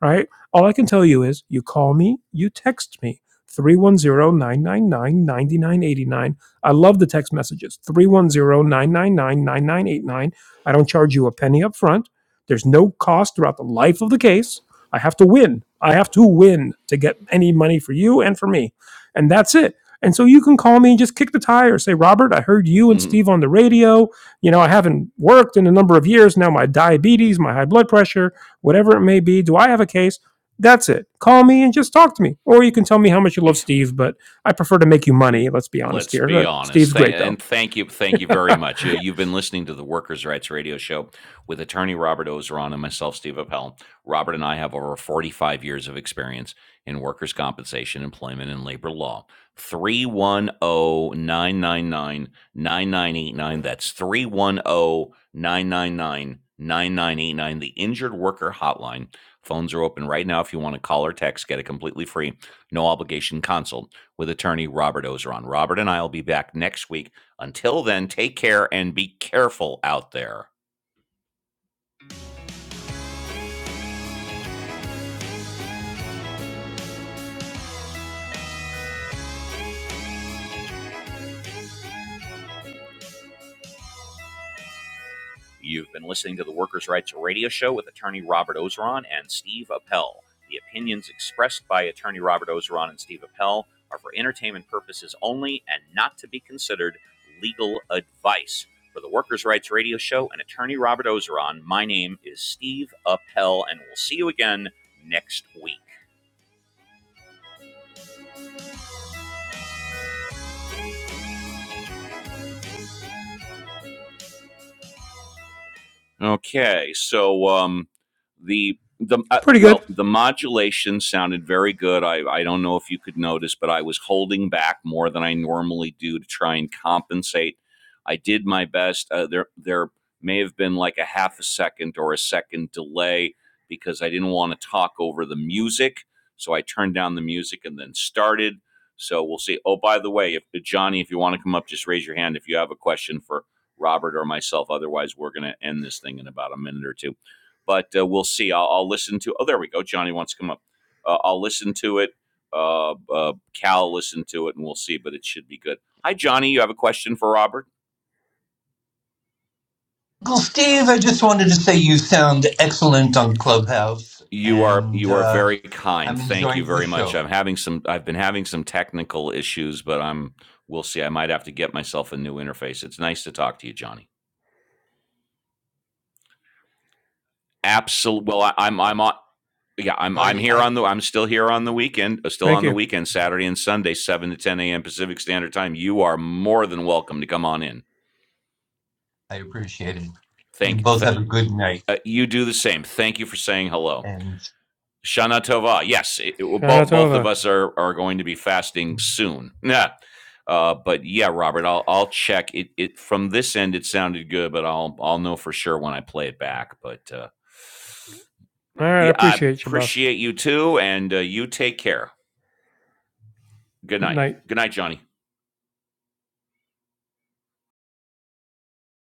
Speaker 2: right? All I can tell you is you call me, you text me. three one zero nine nine nine ninety nine eighty nine. I love the text messages. 310 999 9989. I don't charge you a penny up front. There's no cost throughout the life of the case. I have to win. I have to win to get any money for you and for me. And that's it. And so you can call me and just kick the tire. Say, Robert, I heard you and Steve on the radio. You know, I haven't worked in a number of years now. My diabetes, my high blood pressure, whatever it may be. Do I have a case? That's it. Call me and just talk to me. Or you can tell me how much you love Steve, but I prefer to make you
Speaker 1: Y-
Speaker 2: money. Let's be honest
Speaker 1: Let's
Speaker 2: here.
Speaker 1: be
Speaker 2: Uh,
Speaker 1: honest.
Speaker 2: Steve's
Speaker 1: Thank,
Speaker 2: great, though.
Speaker 1: and thank you, thank you very much. You, you've been listening to the Workers' Rights Radio Show with attorney Robert Ozeron and myself, Steve Appel. Robert and I have over 45 years of experience in workers' compensation, employment, and labor law. Three one o nine nine nine nine nine eight nine. That's three one o nine nine nine nine nine eight nine. the Injured Worker Hotline. Phones are open right now if you want to call or text, get a completely free, no obligation consult with attorney Robert Ozeron. Robert and I will be back next week. Until then, take care and be careful out there. You've been listening to the Workers' Rights Radio Show with attorney Robert Ozeron and Steve Appel. The opinions expressed by attorney Robert Ozeron and Steve Appel are for entertainment purposes only and not to be considered legal advice. For the Workers' Rights Radio Show and attorney Robert Ozeron, my name is Steve Appel, and we'll see you again next week. Okay, so um, the the uh,
Speaker 2: Pretty good.
Speaker 1: well, the modulation sounded very good. I I don't know if you could notice, but I was holding back more than I normally do to try and compensate. I did my best. Uh, there there may have been like a half a second or a second delay because I didn't want to talk over the music, so I turned down the music and then started. So we'll see. Oh, by the way, if Johnny, if you want to come up, just raise your hand if you have a question for Robert or myself. Otherwise, we're going to end this thing in about a minute or two. But uh, we'll see. I'll, I'll listen to. Oh, there we go. Johnny wants to come up. Uh, I'll listen to it. Uh, uh, Cal, listen to it, and we'll see. But it should be good. Hi, Johnny. You have a question for Robert?
Speaker 3: Uncle Steve, I just wanted to say you sound excellent on Clubhouse,
Speaker 1: You are
Speaker 3: and
Speaker 1: you are
Speaker 3: uh,
Speaker 1: very kind.
Speaker 3: I'm
Speaker 1: Thank you
Speaker 3: enjoying the
Speaker 1: very much.
Speaker 3: show.
Speaker 1: I'm having some. I've been having some technical issues, but I'm. We'll see. I might have to get myself a new interface. It's nice to talk to you, Johnny. absolute. Well, I, I'm I'm on. Yeah, I'm
Speaker 3: So
Speaker 1: I'm
Speaker 3: I,
Speaker 1: here
Speaker 3: I
Speaker 1: on the. I'm still here on the weekend. uh, Still
Speaker 2: Thank
Speaker 1: on the
Speaker 2: you.
Speaker 1: weekend, Saturday and Sunday, seven to ten a.m. Pacific Standard Time. You are more than welcome to come on in.
Speaker 3: I appreciate it. You
Speaker 1: Thank
Speaker 3: both
Speaker 1: th-
Speaker 3: have a good night,
Speaker 1: uh, you. Do the same. Thank you for saying hello.
Speaker 3: and.
Speaker 1: Shana Tova. Yes, it, it,
Speaker 2: Shana
Speaker 1: both both of
Speaker 2: over.
Speaker 1: us are are going to be fasting soon. Yeah. Uh, but yeah, Robert, I'll I'll check it. It from this end, it sounded good, but I'll I'll know for sure when I play it back. But uh,
Speaker 2: All right. I
Speaker 1: yeah, I
Speaker 2: appreciate you, boss.
Speaker 1: appreciate you too, and uh, you take care. Good night.
Speaker 2: Night.
Speaker 1: Good night, Johnny.